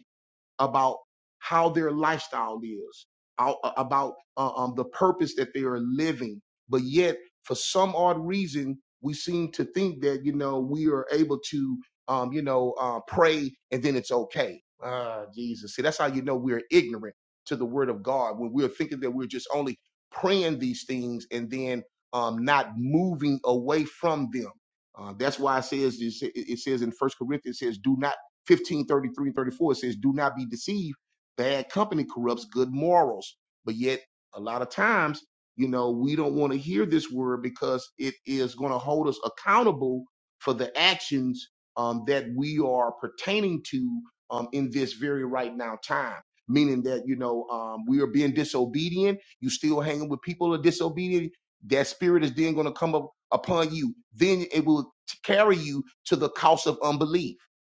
A: about how their lifestyle is, out- uh, about uh, um, the purpose that they are living. But yet, for some odd reason, we seem to think that you know we are able to um, you know uh, pray and then it's okay. Ah, Jesus. See, that's how you know we're ignorant to the Word of God when we're thinking that we're just only praying these things and then um, not moving away from them. Uh, that's why it says it it says in First Corinthians it says, "Do not." 15, thirty-three and 34, it says, Do not be deceived. Bad company corrupts good morals. But yet, a lot of times, you know, we don't want to hear this word because it is going to hold us accountable for the actions um, that we are pertaining to um, in this very right now time. Meaning that, you know, um, we are being disobedient. You still hanging with people who are disobedient. That spirit is then going to come up upon you. Then it will t- carry you to the cost of unbelief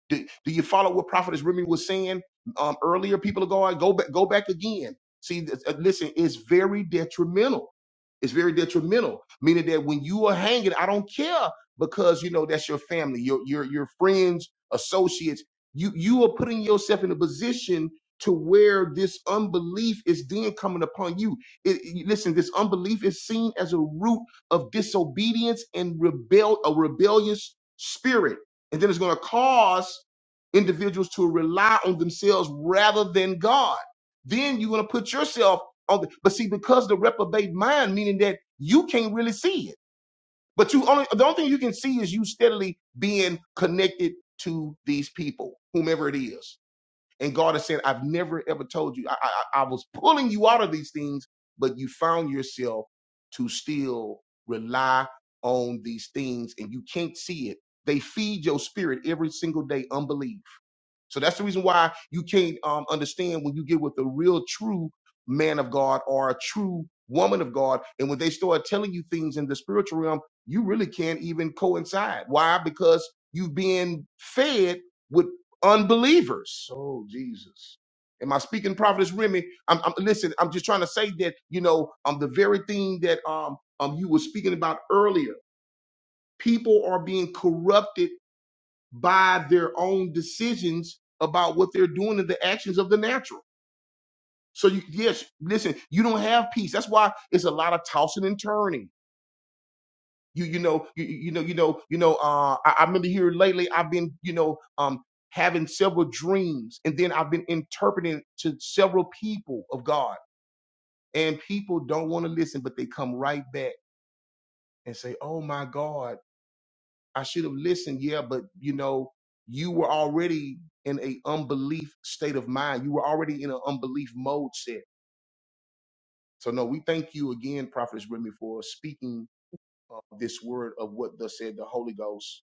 A: do, do you follow what Prophetess Remy was saying um, earlier? People are going, go back, go back again. See, th- uh, listen, it's very detrimental. It's very detrimental, meaning that when you are hanging, I don't care because you know that's your family, your your your friends, associates. You you are putting yourself in a position to where this unbelief is then coming upon you. It, it- listen, this unbelief is seen as a root of disobedience and rebel a rebellious spirit and then it's going to cause individuals to rely on themselves rather than God. Then you're going to put yourself on the, but see, because the reprobate mind, meaning that you can't really see it, but you only, the only thing you can see is you steadily being connected to these people, whomever it is. And God is saying, I've never ever told you. I, I, I was pulling you out of these things, but you found yourself to still rely on these things and you can't see it. They feed your spirit every single day, unbelief. So that's the reason why you can't um, understand when you get with a real true man of God or a true woman of God. And when they start telling you things in the spiritual realm, you really can't even coincide. Why? Because you've been fed with unbelievers. Oh, Jesus. Am I speaking prophetess Remy? I'm, I'm listen. I'm just trying to say that you know um the very thing that um um you were speaking about earlier. People are being corrupted by their own decisions about what they're doing and the actions of the natural. So you yes, listen, you don't have peace. That's why it's a lot of tossing and turning. You you know, you, you know, you know, you know, uh I, I remember here lately I've been, you know, um having several dreams and then I've been interpreting to several people of God. And people don't want to listen, but they come right back and say, Oh my God. I should have listened, yeah, but you know, you were already in a unbelief state of mind. You were already in an unbelief mode set. So no, we thank you again, Prophetess Remy, for speaking uh, this word of what thus said the Holy Ghost.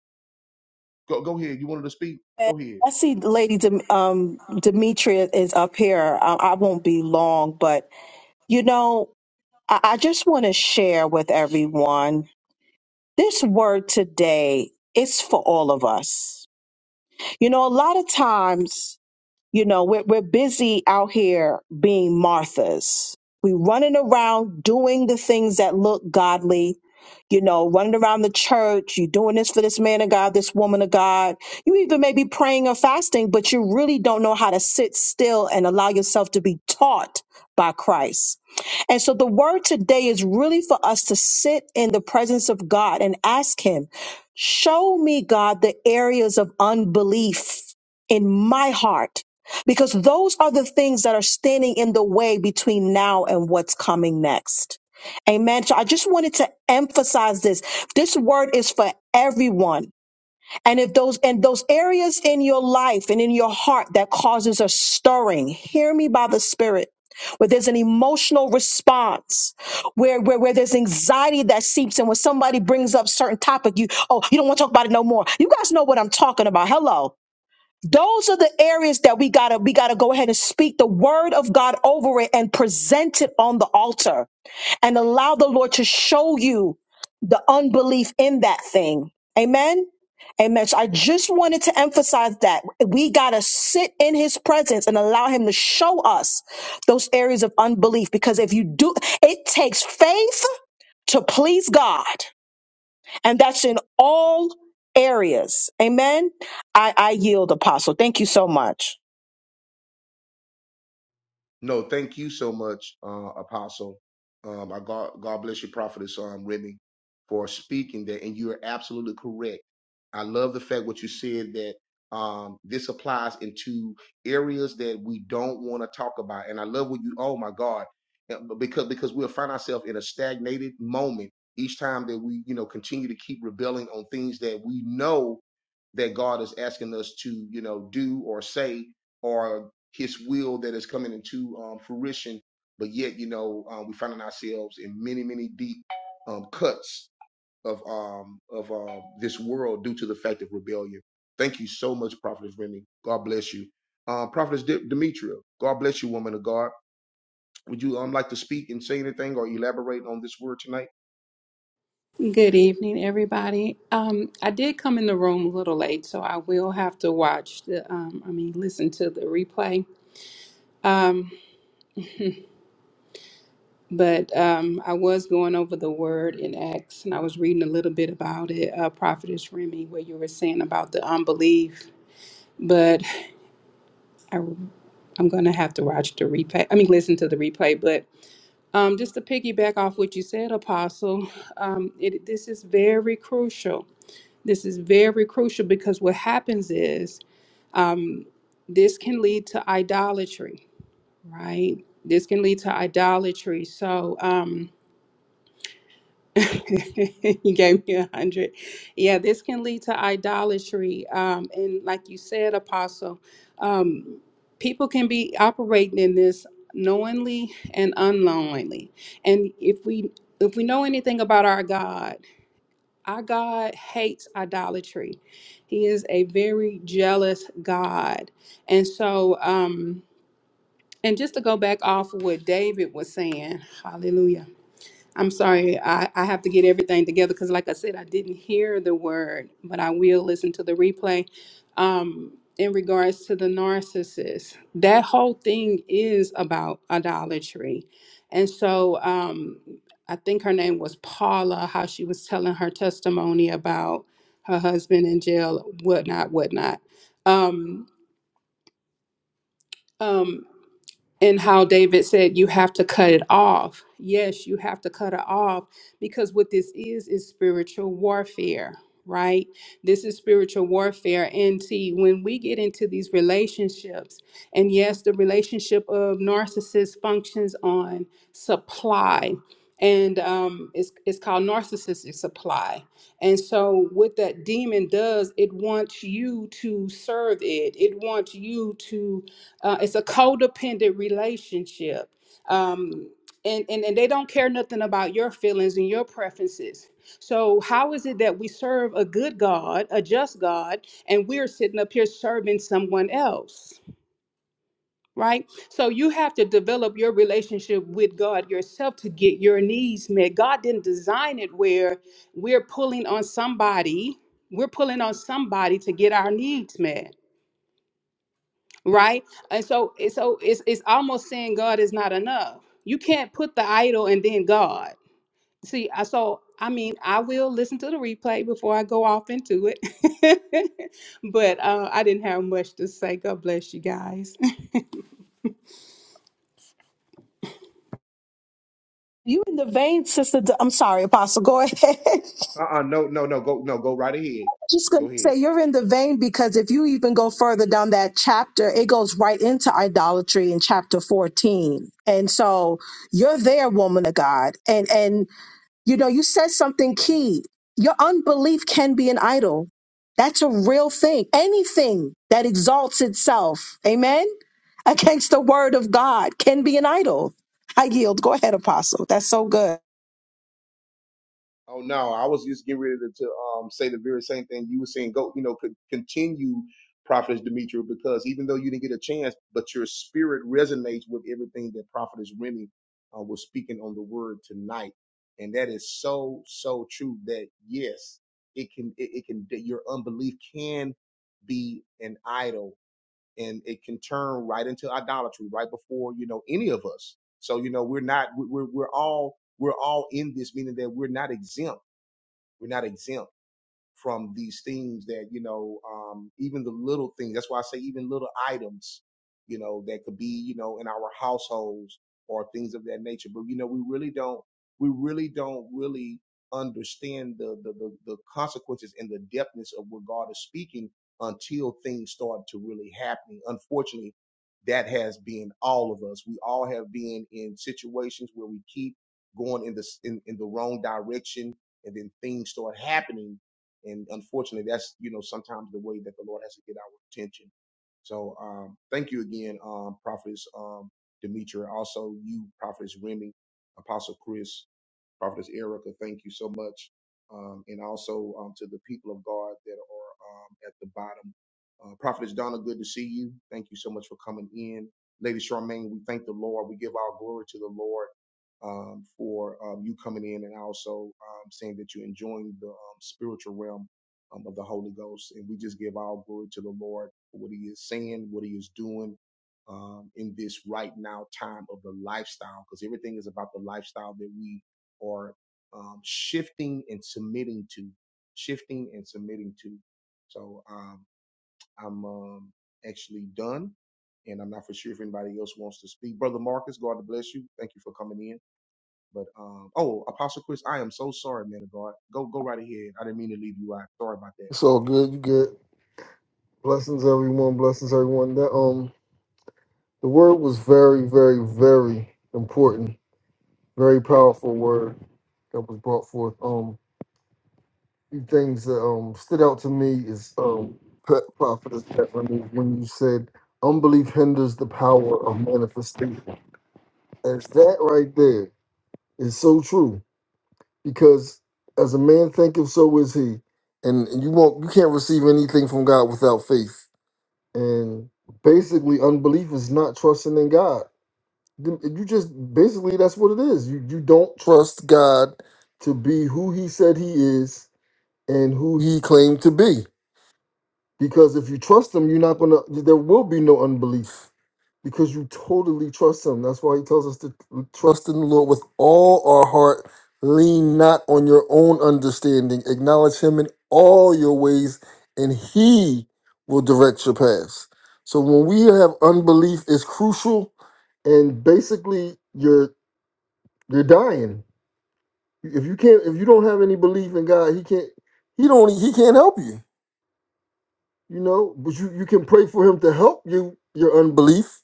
A: Go, go ahead. You wanted to speak? Go ahead.
B: I see Lady Dem- um, Demetria is up here. I, I won't be long, but you know, I, I just want to share with everyone this word today. It's for all of us. You know, a lot of times you know, we're, we're busy out here being Marthas. We are running around doing the things that look godly, you know, running around the church. you are doing this for this man of God, this woman of God. You even may be praying or fasting, but you really don't know how to sit still and allow yourself to be taught by Christ. And so the word today is really for us to sit in the presence of God and ask Him, show me, God, the areas of unbelief in my heart because those are the things that are standing in the way between now and what's coming next. Amen. So I just wanted to emphasize this. This word is for everyone. And if those and those areas in your life and in your heart that causes a stirring, hear me by the Spirit. Where there's an emotional response, where, where where there's anxiety that seeps in, when somebody brings up certain topic, you oh you don't want to talk about it no more. You guys know what I'm talking about. Hello. Those are the areas that we gotta we gotta go ahead and speak the word of God over it and present it on the altar and allow the Lord to show you the unbelief in that thing. Amen. Amen. So I just wanted to emphasize that we gotta sit in his presence and allow him to show us those areas of unbelief. Because if you do, it takes faith to please God. And that's in all areas. Amen. I, I yield, Apostle. Thank you so much.
A: No, thank you so much, uh, Apostle. Um, I God, God bless you, Prophetess um, Remy, for speaking that. And you are absolutely correct. I love the fact what you said that um, this applies into areas that we don't want to talk about. And I love what you, oh my God, Yeah, but because because we'll find ourselves in a stagnated moment each time that we, you know, continue to keep rebelling on things that we know that God is asking us to, you know, do or say, or His will that is coming into um, fruition. But yet, you know, um, we finding ourselves in many, many deep um, cuts of um, of um, this world due to the fact of rebellion. Thank you so much, Prophetess Remy. God bless you, uh, Prophetess De- Demetria. God bless you, woman of God. Would you um like to speak and say anything or elaborate on this word tonight?
F: Good evening, everybody. Um, I did come in the room a little late, so I will have to watch the, um, I mean, listen to the replay. Um, but um, I was going over the word in Acts, and I was reading a little bit about it, uh, Prophetess Remy, where you were saying about the unbelief. But I, I'm going to have to watch the replay. I mean, listen to the replay. But um, just to piggyback off what you said, Apostle, um, it, this is very crucial. This is very crucial because what happens is Um, this can lead to idolatry, right? This can lead to idolatry. So, um, [laughs] you gave me a hundred. Yeah, this can lead to idolatry. Um, and like you said, Apostle, um, people can be operating in this knowingly and unknowingly. And if we if we know anything about our God, our God hates idolatry. He is a very jealous God. And so, um, and just to go back off of what David was saying, hallelujah. I'm sorry, I, I have to get everything together because, like I said, I didn't hear the word, but I will listen to the replay. Um, in regards to the narcissist, that whole thing is about idolatry. And so um, I think her name was Paula, how she was telling her testimony about her husband in jail, whatnot, whatnot. Um, um, and how David said you have to cut it off. Yes, you have to cut it off because what this is is spiritual warfare, right? This is spiritual warfare. And see, when we get into these relationships, and yes, the relationship of narcissist functions on supply. And um, it's, it's called narcissistic supply. And so, what that demon does, it wants you to serve it. It wants you to uh, it's a codependent relationship um, and, and and they don't care nothing about your feelings and your preferences so how is it that we serve a good god a just god and we're sitting up here serving someone else right so you have to develop your relationship with god yourself to get your needs met god didn't design it where we're pulling on somebody we're pulling on somebody to get our needs met right and so it's so it's it's almost saying god is not enough you can't put the idol and then god see i so i mean i will listen to the replay before i go off into it [laughs] but uh i didn't have much to say god bless you guys [laughs]
B: You in the vein, sister. D- I'm sorry, Apostle. Go ahead. [laughs]
A: Uh uh no, no, no, go, no, go right ahead.
B: Just gonna
A: Go
B: say
A: ahead.
B: you're in the vein because if you even go further down that chapter, it goes right into idolatry in chapter 14. And so you're there, woman of God. And and you know, you said something key. Your unbelief can be an idol. That's a real thing. Anything that exalts itself, amen, against the word of God can be an idol. I yield. Go ahead, Apostle. That's so good.
A: Oh no, I was just getting ready to, to um say the very same thing you were saying. Go, you know, could continue, Prophetess Demetra, because even though you didn't get a chance, but your spirit resonates with everything that Prophetess Remy uh, was speaking on the word tonight, and that is so so true. That yes, it can it, it can that your unbelief can be an idol, and it can turn right into idolatry right before you know any of us. So you know, we're not we- we're we're all we're all in this, meaning that we're not exempt we're not exempt from these things that you know um, even the little things that's why i say even little items you know that could be you know in our households or things of that nature but you know we really don't we really don't really understand the the, the, the consequences and the depthness of what god is speaking until things start to really happening unfortunately that has been all of us we all have been in situations where we keep going in the in, in the wrong direction and then things start happening and unfortunately, that's, you know, sometimes the way that the Lord has to get our attention. So um, thank you again, um, Prophets um, Demetra, also you, Prophets Remy, Apostle Chris, Prophetess Erica, thank you so much. Um, and also um, to the people of God that are um, at the bottom. Uh, Prophetess Donna, good to see you. Thank you so much for coming in. Lady Charmaine, we thank the Lord. We give our glory to the Lord um, for um, you coming in and also um, saying that you're enjoying the um, spiritual realm um, of the Holy Ghost. And we just give our glory to the Lord for what He is saying, what He is doing, um, in this right now time of the lifestyle because everything is about the lifestyle that we or um, shifting and submitting to, shifting and submitting to. So um, I'm um, actually done, and I'm not for sure if anybody else wants to speak. Brother Marcus, God bless you. Thank you for coming in. But um, oh, Apostle Chris, I am so sorry, man of God. Go go right ahead. I didn't mean to leave you out. Sorry about that.
G: It's all good. You good. Blessings, everyone. Blessings, everyone. That um, the word was very, very, very important. Very powerful word that was brought forth. Um, few things that um stood out to me is um, Pe- prophetess Bethany when you said unbelief hinders the power of manifestation. As that right there is so true because as a man thinketh, so is he. And and you won't, you can't receive anything from God without faith. And basically, unbelief is not trusting in God. You you just basically that's what it is. You you don't trust God to be who He said He is and who He claimed to be. Because if you trust him, you're not gonna there will be no unbelief because you totally trust him. That's why he tells us to trust in the Lord with all our heart. Lean not on your own understanding. Acknowledge him in all your ways, and he will direct your paths. So when we have unbelief, it's crucial, and basically you're you're dying. If you can't, if you don't have any belief in God, he can't. He don't. He can't help you you know but you you can pray for him to help you your unbelief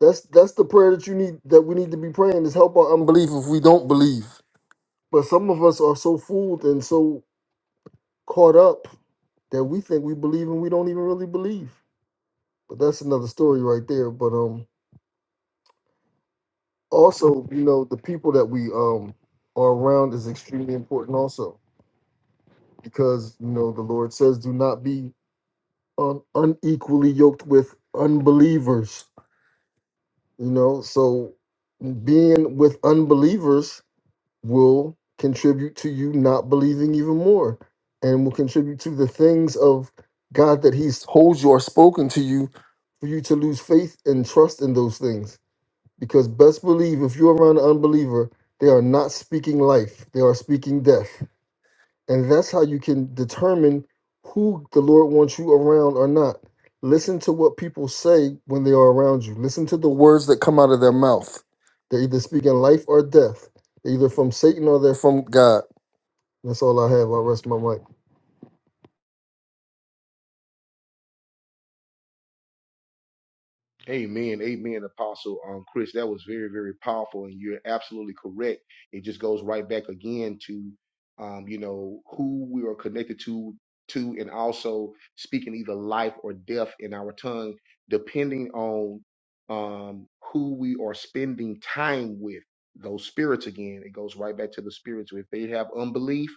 G: that's that's the prayer that you need that we need to be praying is help our unbelief if we don't believe but some of us are so fooled and so caught up that we think we believe and we don't even really believe but that's another story right there but um also you know the people that we um are around is extremely important also because you know the lord says do not be un- unequally yoked with unbelievers You know, so being with unbelievers will contribute to you not believing even more and will contribute to the things of God that He's told you or spoken to you for you to lose faith and trust in those things. Because best believe if you're around an unbeliever, they are not speaking life, they are speaking death. And that's how you can determine who the Lord wants you around or not. Listen to what people say when they are around you. Listen to the words that come out of their mouth. They're either speaking life or death. They're either from Satan or they're from God. That's all I have. I rest my mic.
A: Amen, amen, Apostle um, Chris. That was very, very powerful, and you're absolutely correct. It just goes right back again to, um, you know, who we are connected to, to, and also speaking either life or death in our tongue, depending on um, who we are spending time with. Those spirits again, it goes right back to the spirits. If they have unbelief,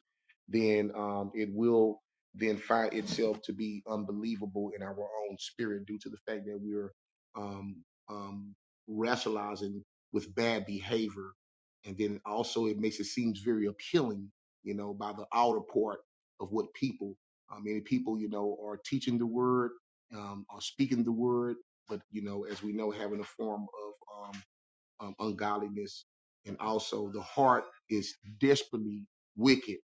A: then um, it will then find itself to be unbelievable in our own spirit due to the fact that we're um, um, rationalizing with bad behavior. And then also it makes it seems very appealing, you know, by the outer part of what people, uh, many people, you know, are teaching the word, um, are speaking the word, but, you know, as we know, having a form of, um, um, ungodliness, and also the heart is desperately wicked,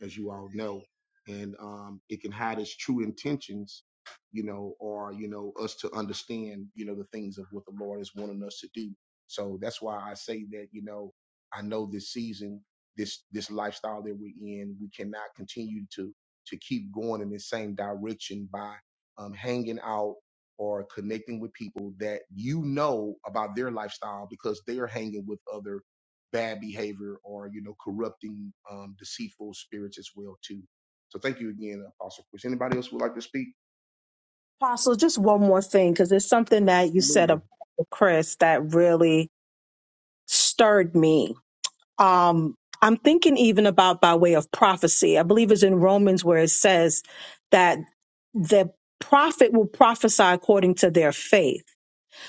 A: as you all know, and um, it can hide its true intentions, you know, or you know us to understand, you know, the things of what the Lord is wanting us to do. So that's why I say that, you know, I know this season, this this lifestyle that we're in, we cannot continue to to keep going in the same direction by um, hanging out or connecting with people that you know about their lifestyle because they're hanging with other bad behavior or you know corrupting um, deceitful spirits as well too so thank you again apostle chris anybody else would like to speak
B: Apostle, just one more thing, because it's something that you said
A: Absolutely.
B: about Chris that really stirred me. Um, I'm thinking even about by way of prophecy. I believe it's in Romans where it says that the prophet will prophesy according to their faith.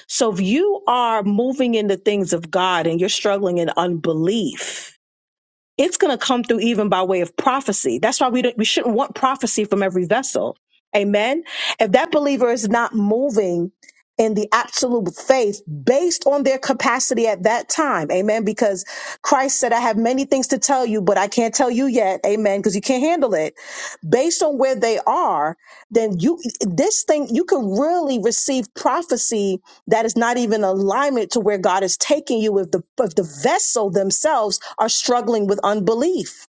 B: So if you are moving in the things of God and you're struggling in unbelief, it's going to come through even by way of prophecy. That's why we don't, we shouldn't want prophecy from every vessel. Amen. If that believer is not moving in the absolute faith based on their capacity at that time. Amen. Because Christ said, I have many things to tell you, but I can't tell you yet. Amen. Because you can't handle it. Based on where they are, then you, this thing, you can really receive prophecy that is not even alignment to where God is taking you if the if the vessel themselves are struggling with unbelief.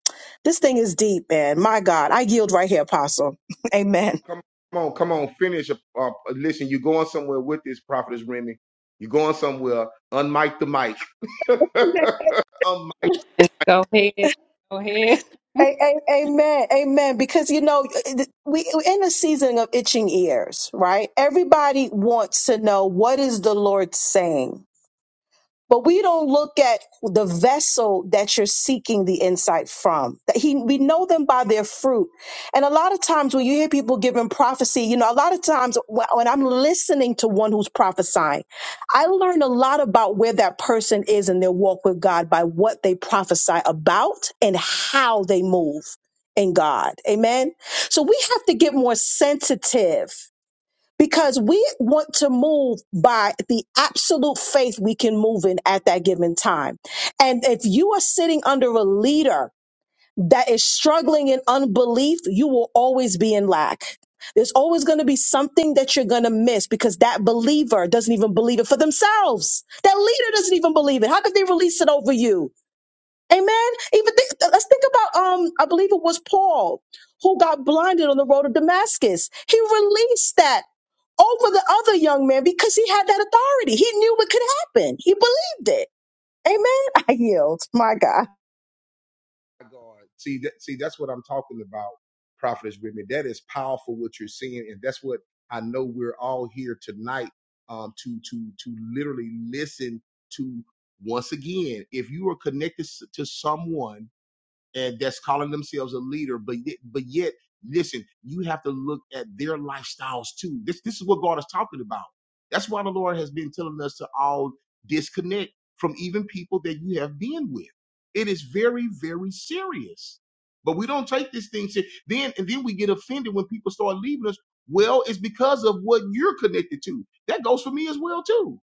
B: This thing is deep, man. My God, I yield right here, Apostle. [laughs] Amen.
A: come on come on finish uh, uh, listen you're going somewhere with this prophetess remy you're going somewhere unmic the mic [laughs] unmic
F: Yes, go ahead. Go ahead.
B: A- a- Amen. Amen. Because you know we we're in a season of itching ears, right? Everybody wants to know what is the Lord saying But we don't look at the vessel that you're seeking the insight from. That he, we know them by their fruit. And a lot of times when you hear people giving prophecy, you know, a lot of times when when I'm listening to one who's prophesying, I learn a lot about where that person is in their walk with God by what they prophesy about and how they move in God. Amen. So we have to get more sensitive because we want to move by the absolute faith we can move in at that given time. And if you are sitting under a leader that is struggling in unbelief, you will always be in lack. There's always going to be something that you're going to miss because that believer doesn't even believe it for themselves. That leader doesn't even believe it. How could they release it over you? Amen. Even think, let's think about um, I believe it was Paul who got blinded on the road to Damascus. He released that over the other young man because he had that authority. He knew what could happen. He believed it. Amen. [laughs] I yield. My God.
A: God. See that see that's what I'm talking about, Prophetess Remy. That is powerful what you're seeing, and that's what I know we're all here tonight um to to to literally listen to once again, if you are connected s- to someone and that's calling themselves a leader, but yet- but yet, listen, you have to look at their lifestyles too. This this is what God is talking about. That's why the Lord has been telling us to all disconnect from even people that you have been with. It is very very serious, but we don't take this thing serious. Then and then we get offended when people start leaving us. Well, it's because of what you're connected to. That goes for me as well too.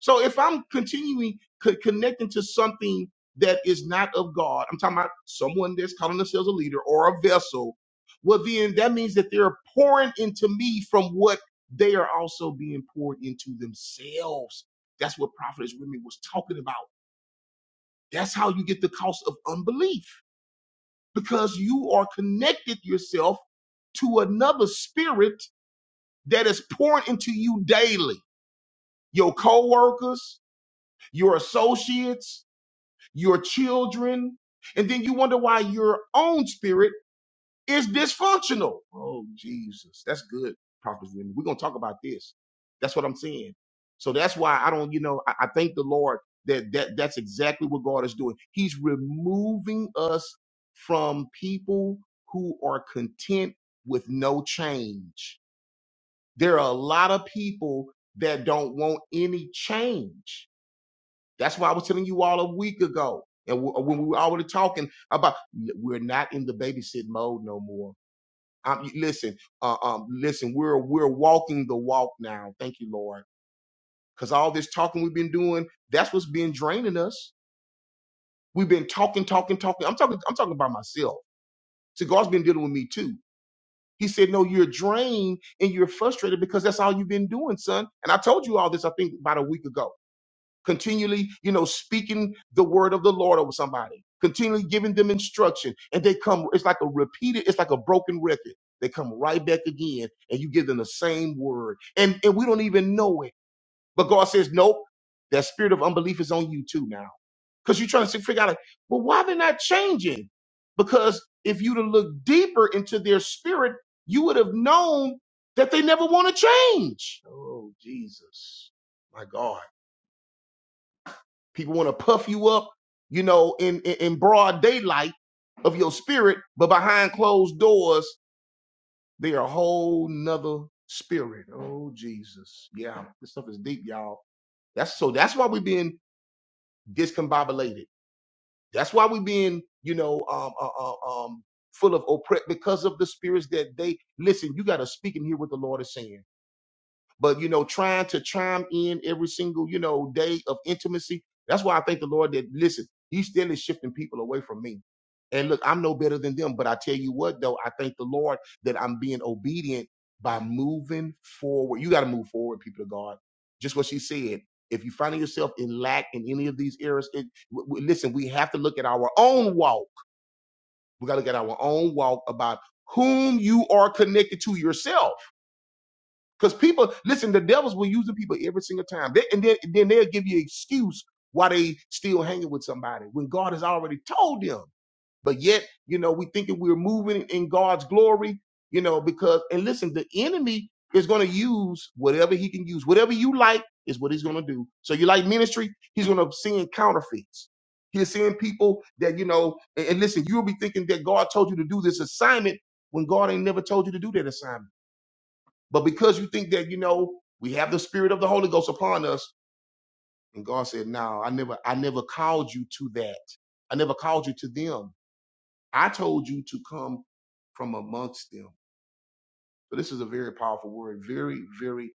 A: So if I'm continuing co- connecting to something that is not of God, I'm talking about someone that's calling themselves a leader or a vessel. Well, then that means that they're pouring into me from what they are also being poured into themselves. That's what Prophetess Remy was talking about. That's how you get the cost of unbelief because you are connected yourself to another spirit that is pouring into you daily. Your coworkers, your associates, your children, and then you wonder why your own spirit is dysfunctional. Oh, Jesus. That's good, Prophet Remy. We're going to talk about this. That's what I'm saying. So that's why I don't, you know, I, I thank the Lord that, that that's exactly what God is doing. He's removing us from people who are content with no change. There are a lot of people that don't want any change that's why I was telling you all a week ago, and w- when we were already talking about we're not in the babysit mode no more. Um, listen, uh, um, listen, we're we're walking the walk now. Thank you, Lord, because all this talking we've been doing, that's what's been draining us. We've been talking, talking, talking. I'm talking, I'm talking about myself. See, God's been dealing with me too. He said, "No, you're drained and you're frustrated because that's all you've been doing, son." And I told you all this, I think, about a week ago. continually, you know, speaking the word of the Lord over somebody, continually giving them instruction. And they come, it's like a repeated, it's like a broken record. They come right back again and you give them the same word. And, and we don't even know it. But God says, nope, that spirit of unbelief is on you too now. Because you're trying to figure out, like, well, why they're not changing? Because if you'd have looked deeper into their spirit, you would have known that they never want to change. Oh, Jesus. My God. People want to puff you up, you know, in, in in broad daylight of your spirit, but behind closed doors, they are a whole nother spirit. Oh Jesus. Yeah, this stuff is deep, y'all. That's so that's why we're being discombobulated. That's why we're being, you know, um uh, uh, um full of oppress because of the spirits that they listen, you gotta speak and hear what the Lord is saying. but you know trying to chime in every single you know day of intimacy that's why i thank the lord that listen he still is shifting people away from me and look i'm no better than them but i tell you what though i thank the lord that i'm being obedient by moving forward you got to move forward people of god just what she said if you finding yourself in lack in any of these areas it, w- w- listen we have to look at our own walk we got to look at our own walk about whom you are connected to yourself because people, listen, the devils will use the people every single time. They, and then, then they'll give you an excuse why they still hanging with somebody when God has already told them. But yet, you know, we thinking we're moving in God's glory, you know, because, and listen, the enemy is going to use whatever he can use. Whatever you like is what he's going to do. So you like ministry, he's going to send counterfeits. He's seeing people that, you know, and and listen, you'll be thinking that God told you to do this assignment when God ain't never told you to do that assignment. But because you think that, you know, we have the spirit of the Holy Ghost upon us, and God said, No, I never, I never called you to that. I never called you to them. I told you to come from amongst them. So this is a very powerful word, very, very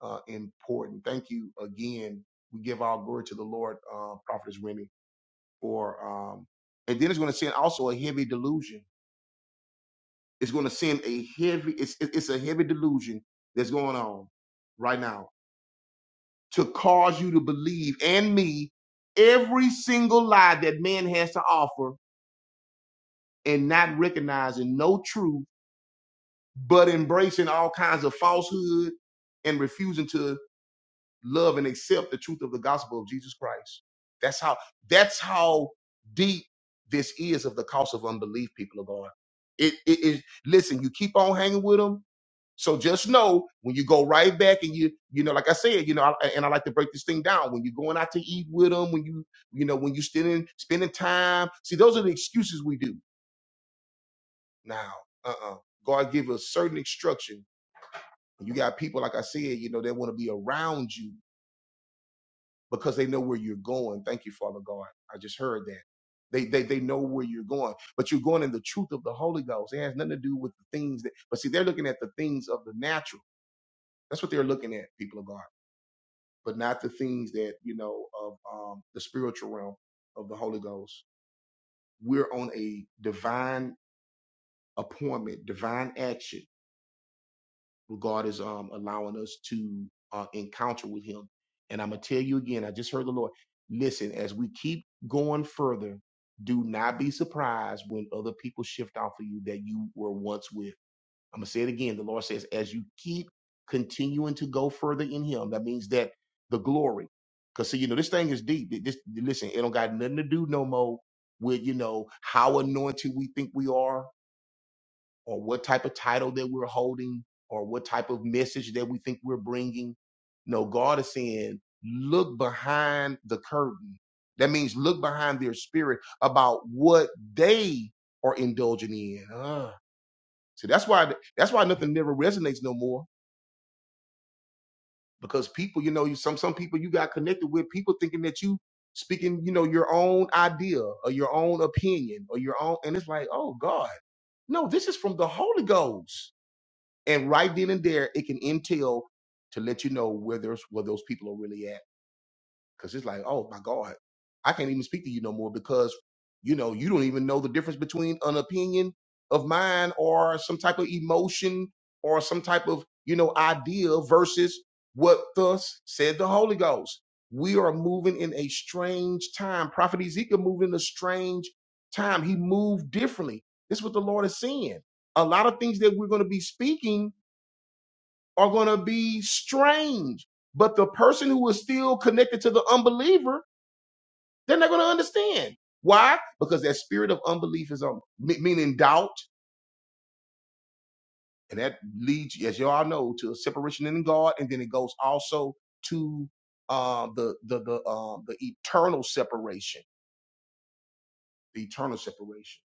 A: uh, important. Thank you again. We give our glory to the Lord, uh, Prophetess Remy, for um, and then it's going to send also a heavy delusion. It's going to send a heavy, it's it- it's a heavy delusion that's going on right now to cause you to believe and me every single lie that man has to offer and not recognizing no truth, but embracing all kinds of falsehood and refusing to love and accept the truth of the gospel of Jesus Christ. That's how that's how deep this is of the cost of unbelief, people of God. It, it, it listen, you keep on hanging with them, So just know when you go right back and you, you know, like I said, you know, I, and I like to break this thing down. When you're going out to eat with them, when you, you know, when you're spending spending time. See, those are the excuses we do now. Uh-uh. God give us certain instruction. And you got people, like I said, you know, they want to be around you because they know where you're going. Thank you, Father God. I just heard that. They, they they know where you're going, but you're going in the truth of the Holy Ghost. It has nothing to do with the things that. But see, they're looking at the things of the natural. That's what they're looking at, people of God. but not the things that you know of um, the spiritual realm of the Holy Ghost. We're on a divine appointment, divine action. where God is um, allowing us to uh, encounter with Him, and I'm gonna tell you again. I just heard the Lord. Listen, as we keep going further, do not be surprised when other people shift off of you that you were once with I'm gonna say it again. The Lord says, as you keep continuing to go further in Him, that means that the glory. Because see, you know, this thing is deep. It- This listen, it don't got nothing to do no more with you know how anointed we think we are, or what type of title that we're holding, or what type of message that we think we're bringing. No, God is saying, look behind the curtain. That means look behind their spirit about what they are indulging in. Ah. So that's why that's why nothing never resonates no more because people, you know, you some some people you got connected with people thinking that you speaking, you know, your own idea or your own opinion or your own, and it's like, oh God, no, this is from the Holy Ghost. And right then and there, it can intel to let you know where there's where those people are really at. Cause it's like, oh my God, I can't even speak to you no more because, you know, you don't even know the difference between an opinion of mine or some type of emotion or some type of, you know, idea versus what thus said the Holy Ghost. We are moving in a strange time. Prophet Ezekiel moved in a strange time. He moved differently. This is what the Lord is saying. A lot of things that we're going to be speaking are going to be strange. But the person who is still connected to the unbeliever they're not going to understand. Why? Because that spirit of unbelief is on, me- meaning doubt, and that leads, as y'all know, to a separation in God, and then it goes also to um, the the the um, the eternal separation, the eternal separation.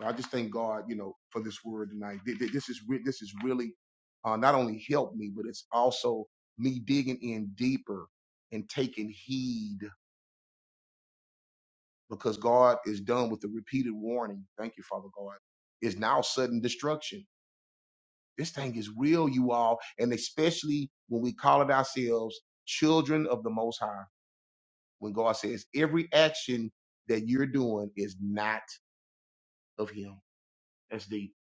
A: So I just thank God, you know, for this word tonight. Th- th- This is re- this is really uh, not only helped me, but it's also me digging in deeper and taking heed because God is done with the repeated warning. Thank you, Father God. It's now sudden destruction. This thing is real, you all, and especially when we call it ourselves children of the Most High. When God says every action that you're doing is not of Him, that's deep.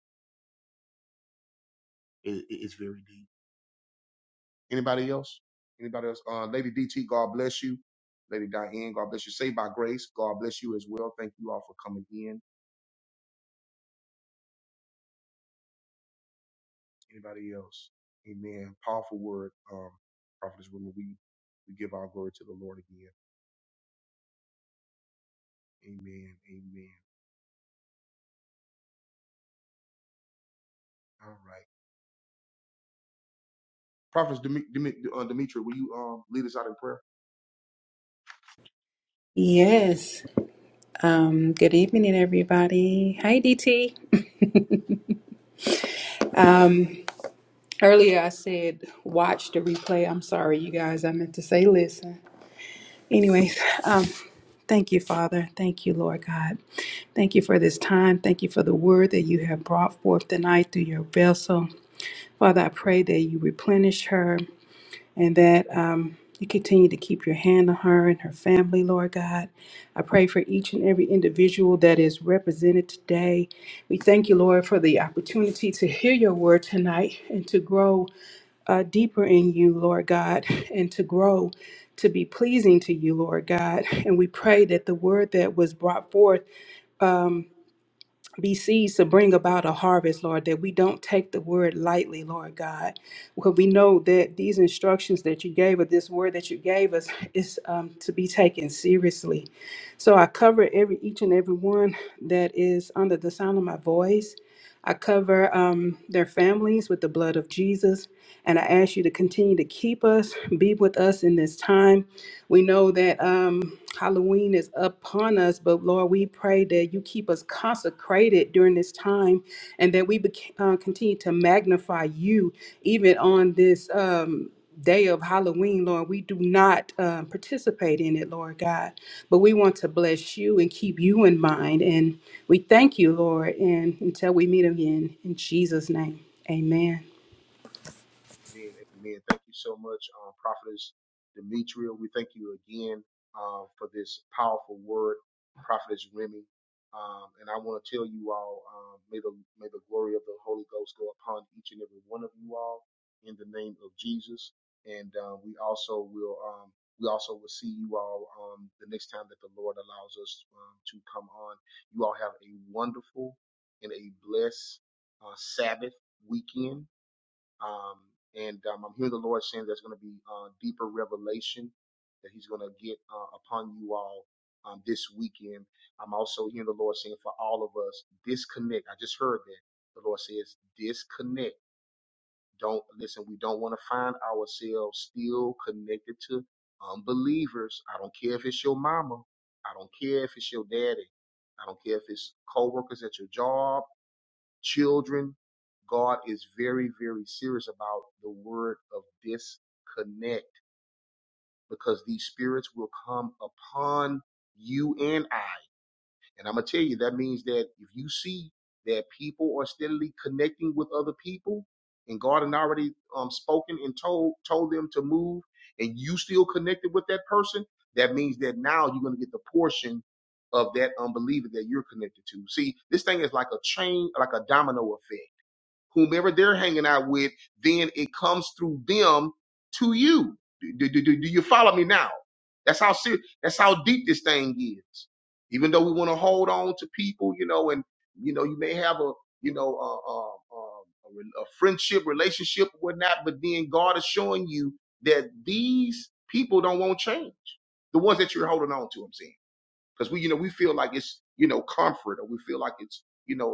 A: It, it- it's very deep. Anybody else? Anybody else? Uh, Lady DT, God bless you. Lady Diane, God bless you. Saved by grace, God bless you as well. Thank you all for coming in. Anybody else? Amen. Powerful word, um, prophetess women. We we give our glory to the Lord again. Amen. Amen. All right. Prophetess Demi- Demi- uh, Demetra, will you um lead us out in prayer?
F: Yes. Um, good evening, everybody. Hey, DT. Earlier I said watch the replay. I'm sorry, you guys. I meant to say listen. Anyways, um, thank you, Father. Thank you, Lord God. Thank you for this time. Thank you for the word that you have brought forth tonight through your vessel. Father, I pray that you replenish her and that um, you continue to keep your hand on her and her family, Lord God. I pray for each and every individual that is represented today. We thank you, Lord, for the opportunity to hear your word tonight and to grow uh, deeper in you, Lord God, and to grow to be pleasing to you, Lord God. And we pray that the word that was brought forth um, be seeds to bring about a harvest, Lord, that we don't take the word lightly, Lord God. Because we know that these instructions that you gave us, this word that you gave us, is um, to be taken seriously. So I cover every each and every one that is under the sound of my voice. I cover um, their families with the blood of Jesus. And I ask you to continue to keep us, be with us in this time. We know that. Um, Halloween is upon us, but Lord, we pray that you keep us consecrated during this time and that we bec- uh, continue to magnify you even on this um, day of Halloween, Lord. We do not um, participate in it, Lord God, but we want to bless you and keep you in mind. And we thank you, Lord. And until we meet again, in Jesus' name, amen.
A: Amen. Amen. Thank you so much, um, Prophetess Demetria. We thank you again um, for this powerful word, Prophetess Remy. Um, and I want to tell you all, um, may the may the glory of the Holy Ghost go upon each and every one of you all in the name of Jesus. And uh, we also will um, we also will see you all um, the next time that the Lord allows us um, to come on. You all have a wonderful and a blessed uh, Sabbath weekend um, and um, I'm hearing the Lord saying there's going to be uh, deeper revelation that He's going to get uh, upon you all um, this weekend. I'm also hearing the Lord saying for all of us, disconnect. I just heard that the Lord says disconnect. Don't listen. We don't want to find ourselves still connected to unbelievers. I don't care if it's your mama. I don't care if it's your daddy. I don't care if it's coworkers at your job children, God is very, very serious about the word of disconnect because these spirits will come upon you and I. And I'm going to tell you, that means that if you see that people are steadily connecting with other people and God had already um, spoken and told, told them to move and you still connected with that person, that means that now you're going to get the portion of that unbeliever that you're connected to. See, this thing is like a chain, like a domino effect whomever they're hanging out with, then it comes through them to you. Do, do, do, do you follow me now? That's how serious, that's how deep this thing is. Even though we want to hold on to people, you know, and you know, you may have a, you know, uh, uh, uh, a, re- a friendship, relationship, or whatnot, but then God is showing you that these people don't want change. The ones that you're holding on to, I'm saying because we you know we feel like it's you know comfort or we feel like it's you know a,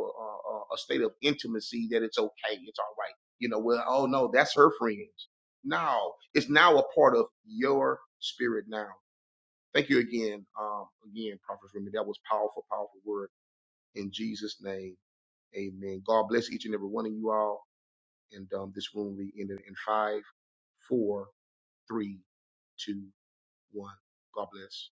A: a a state of intimacy that it's okay it's all right you know well oh no that's her friends no it's now a part of your spirit now thank you again um again prophet Remy. that was powerful powerful word in jesus name amen god bless each and every one of you all and um this room will be ended in five four three two one god bless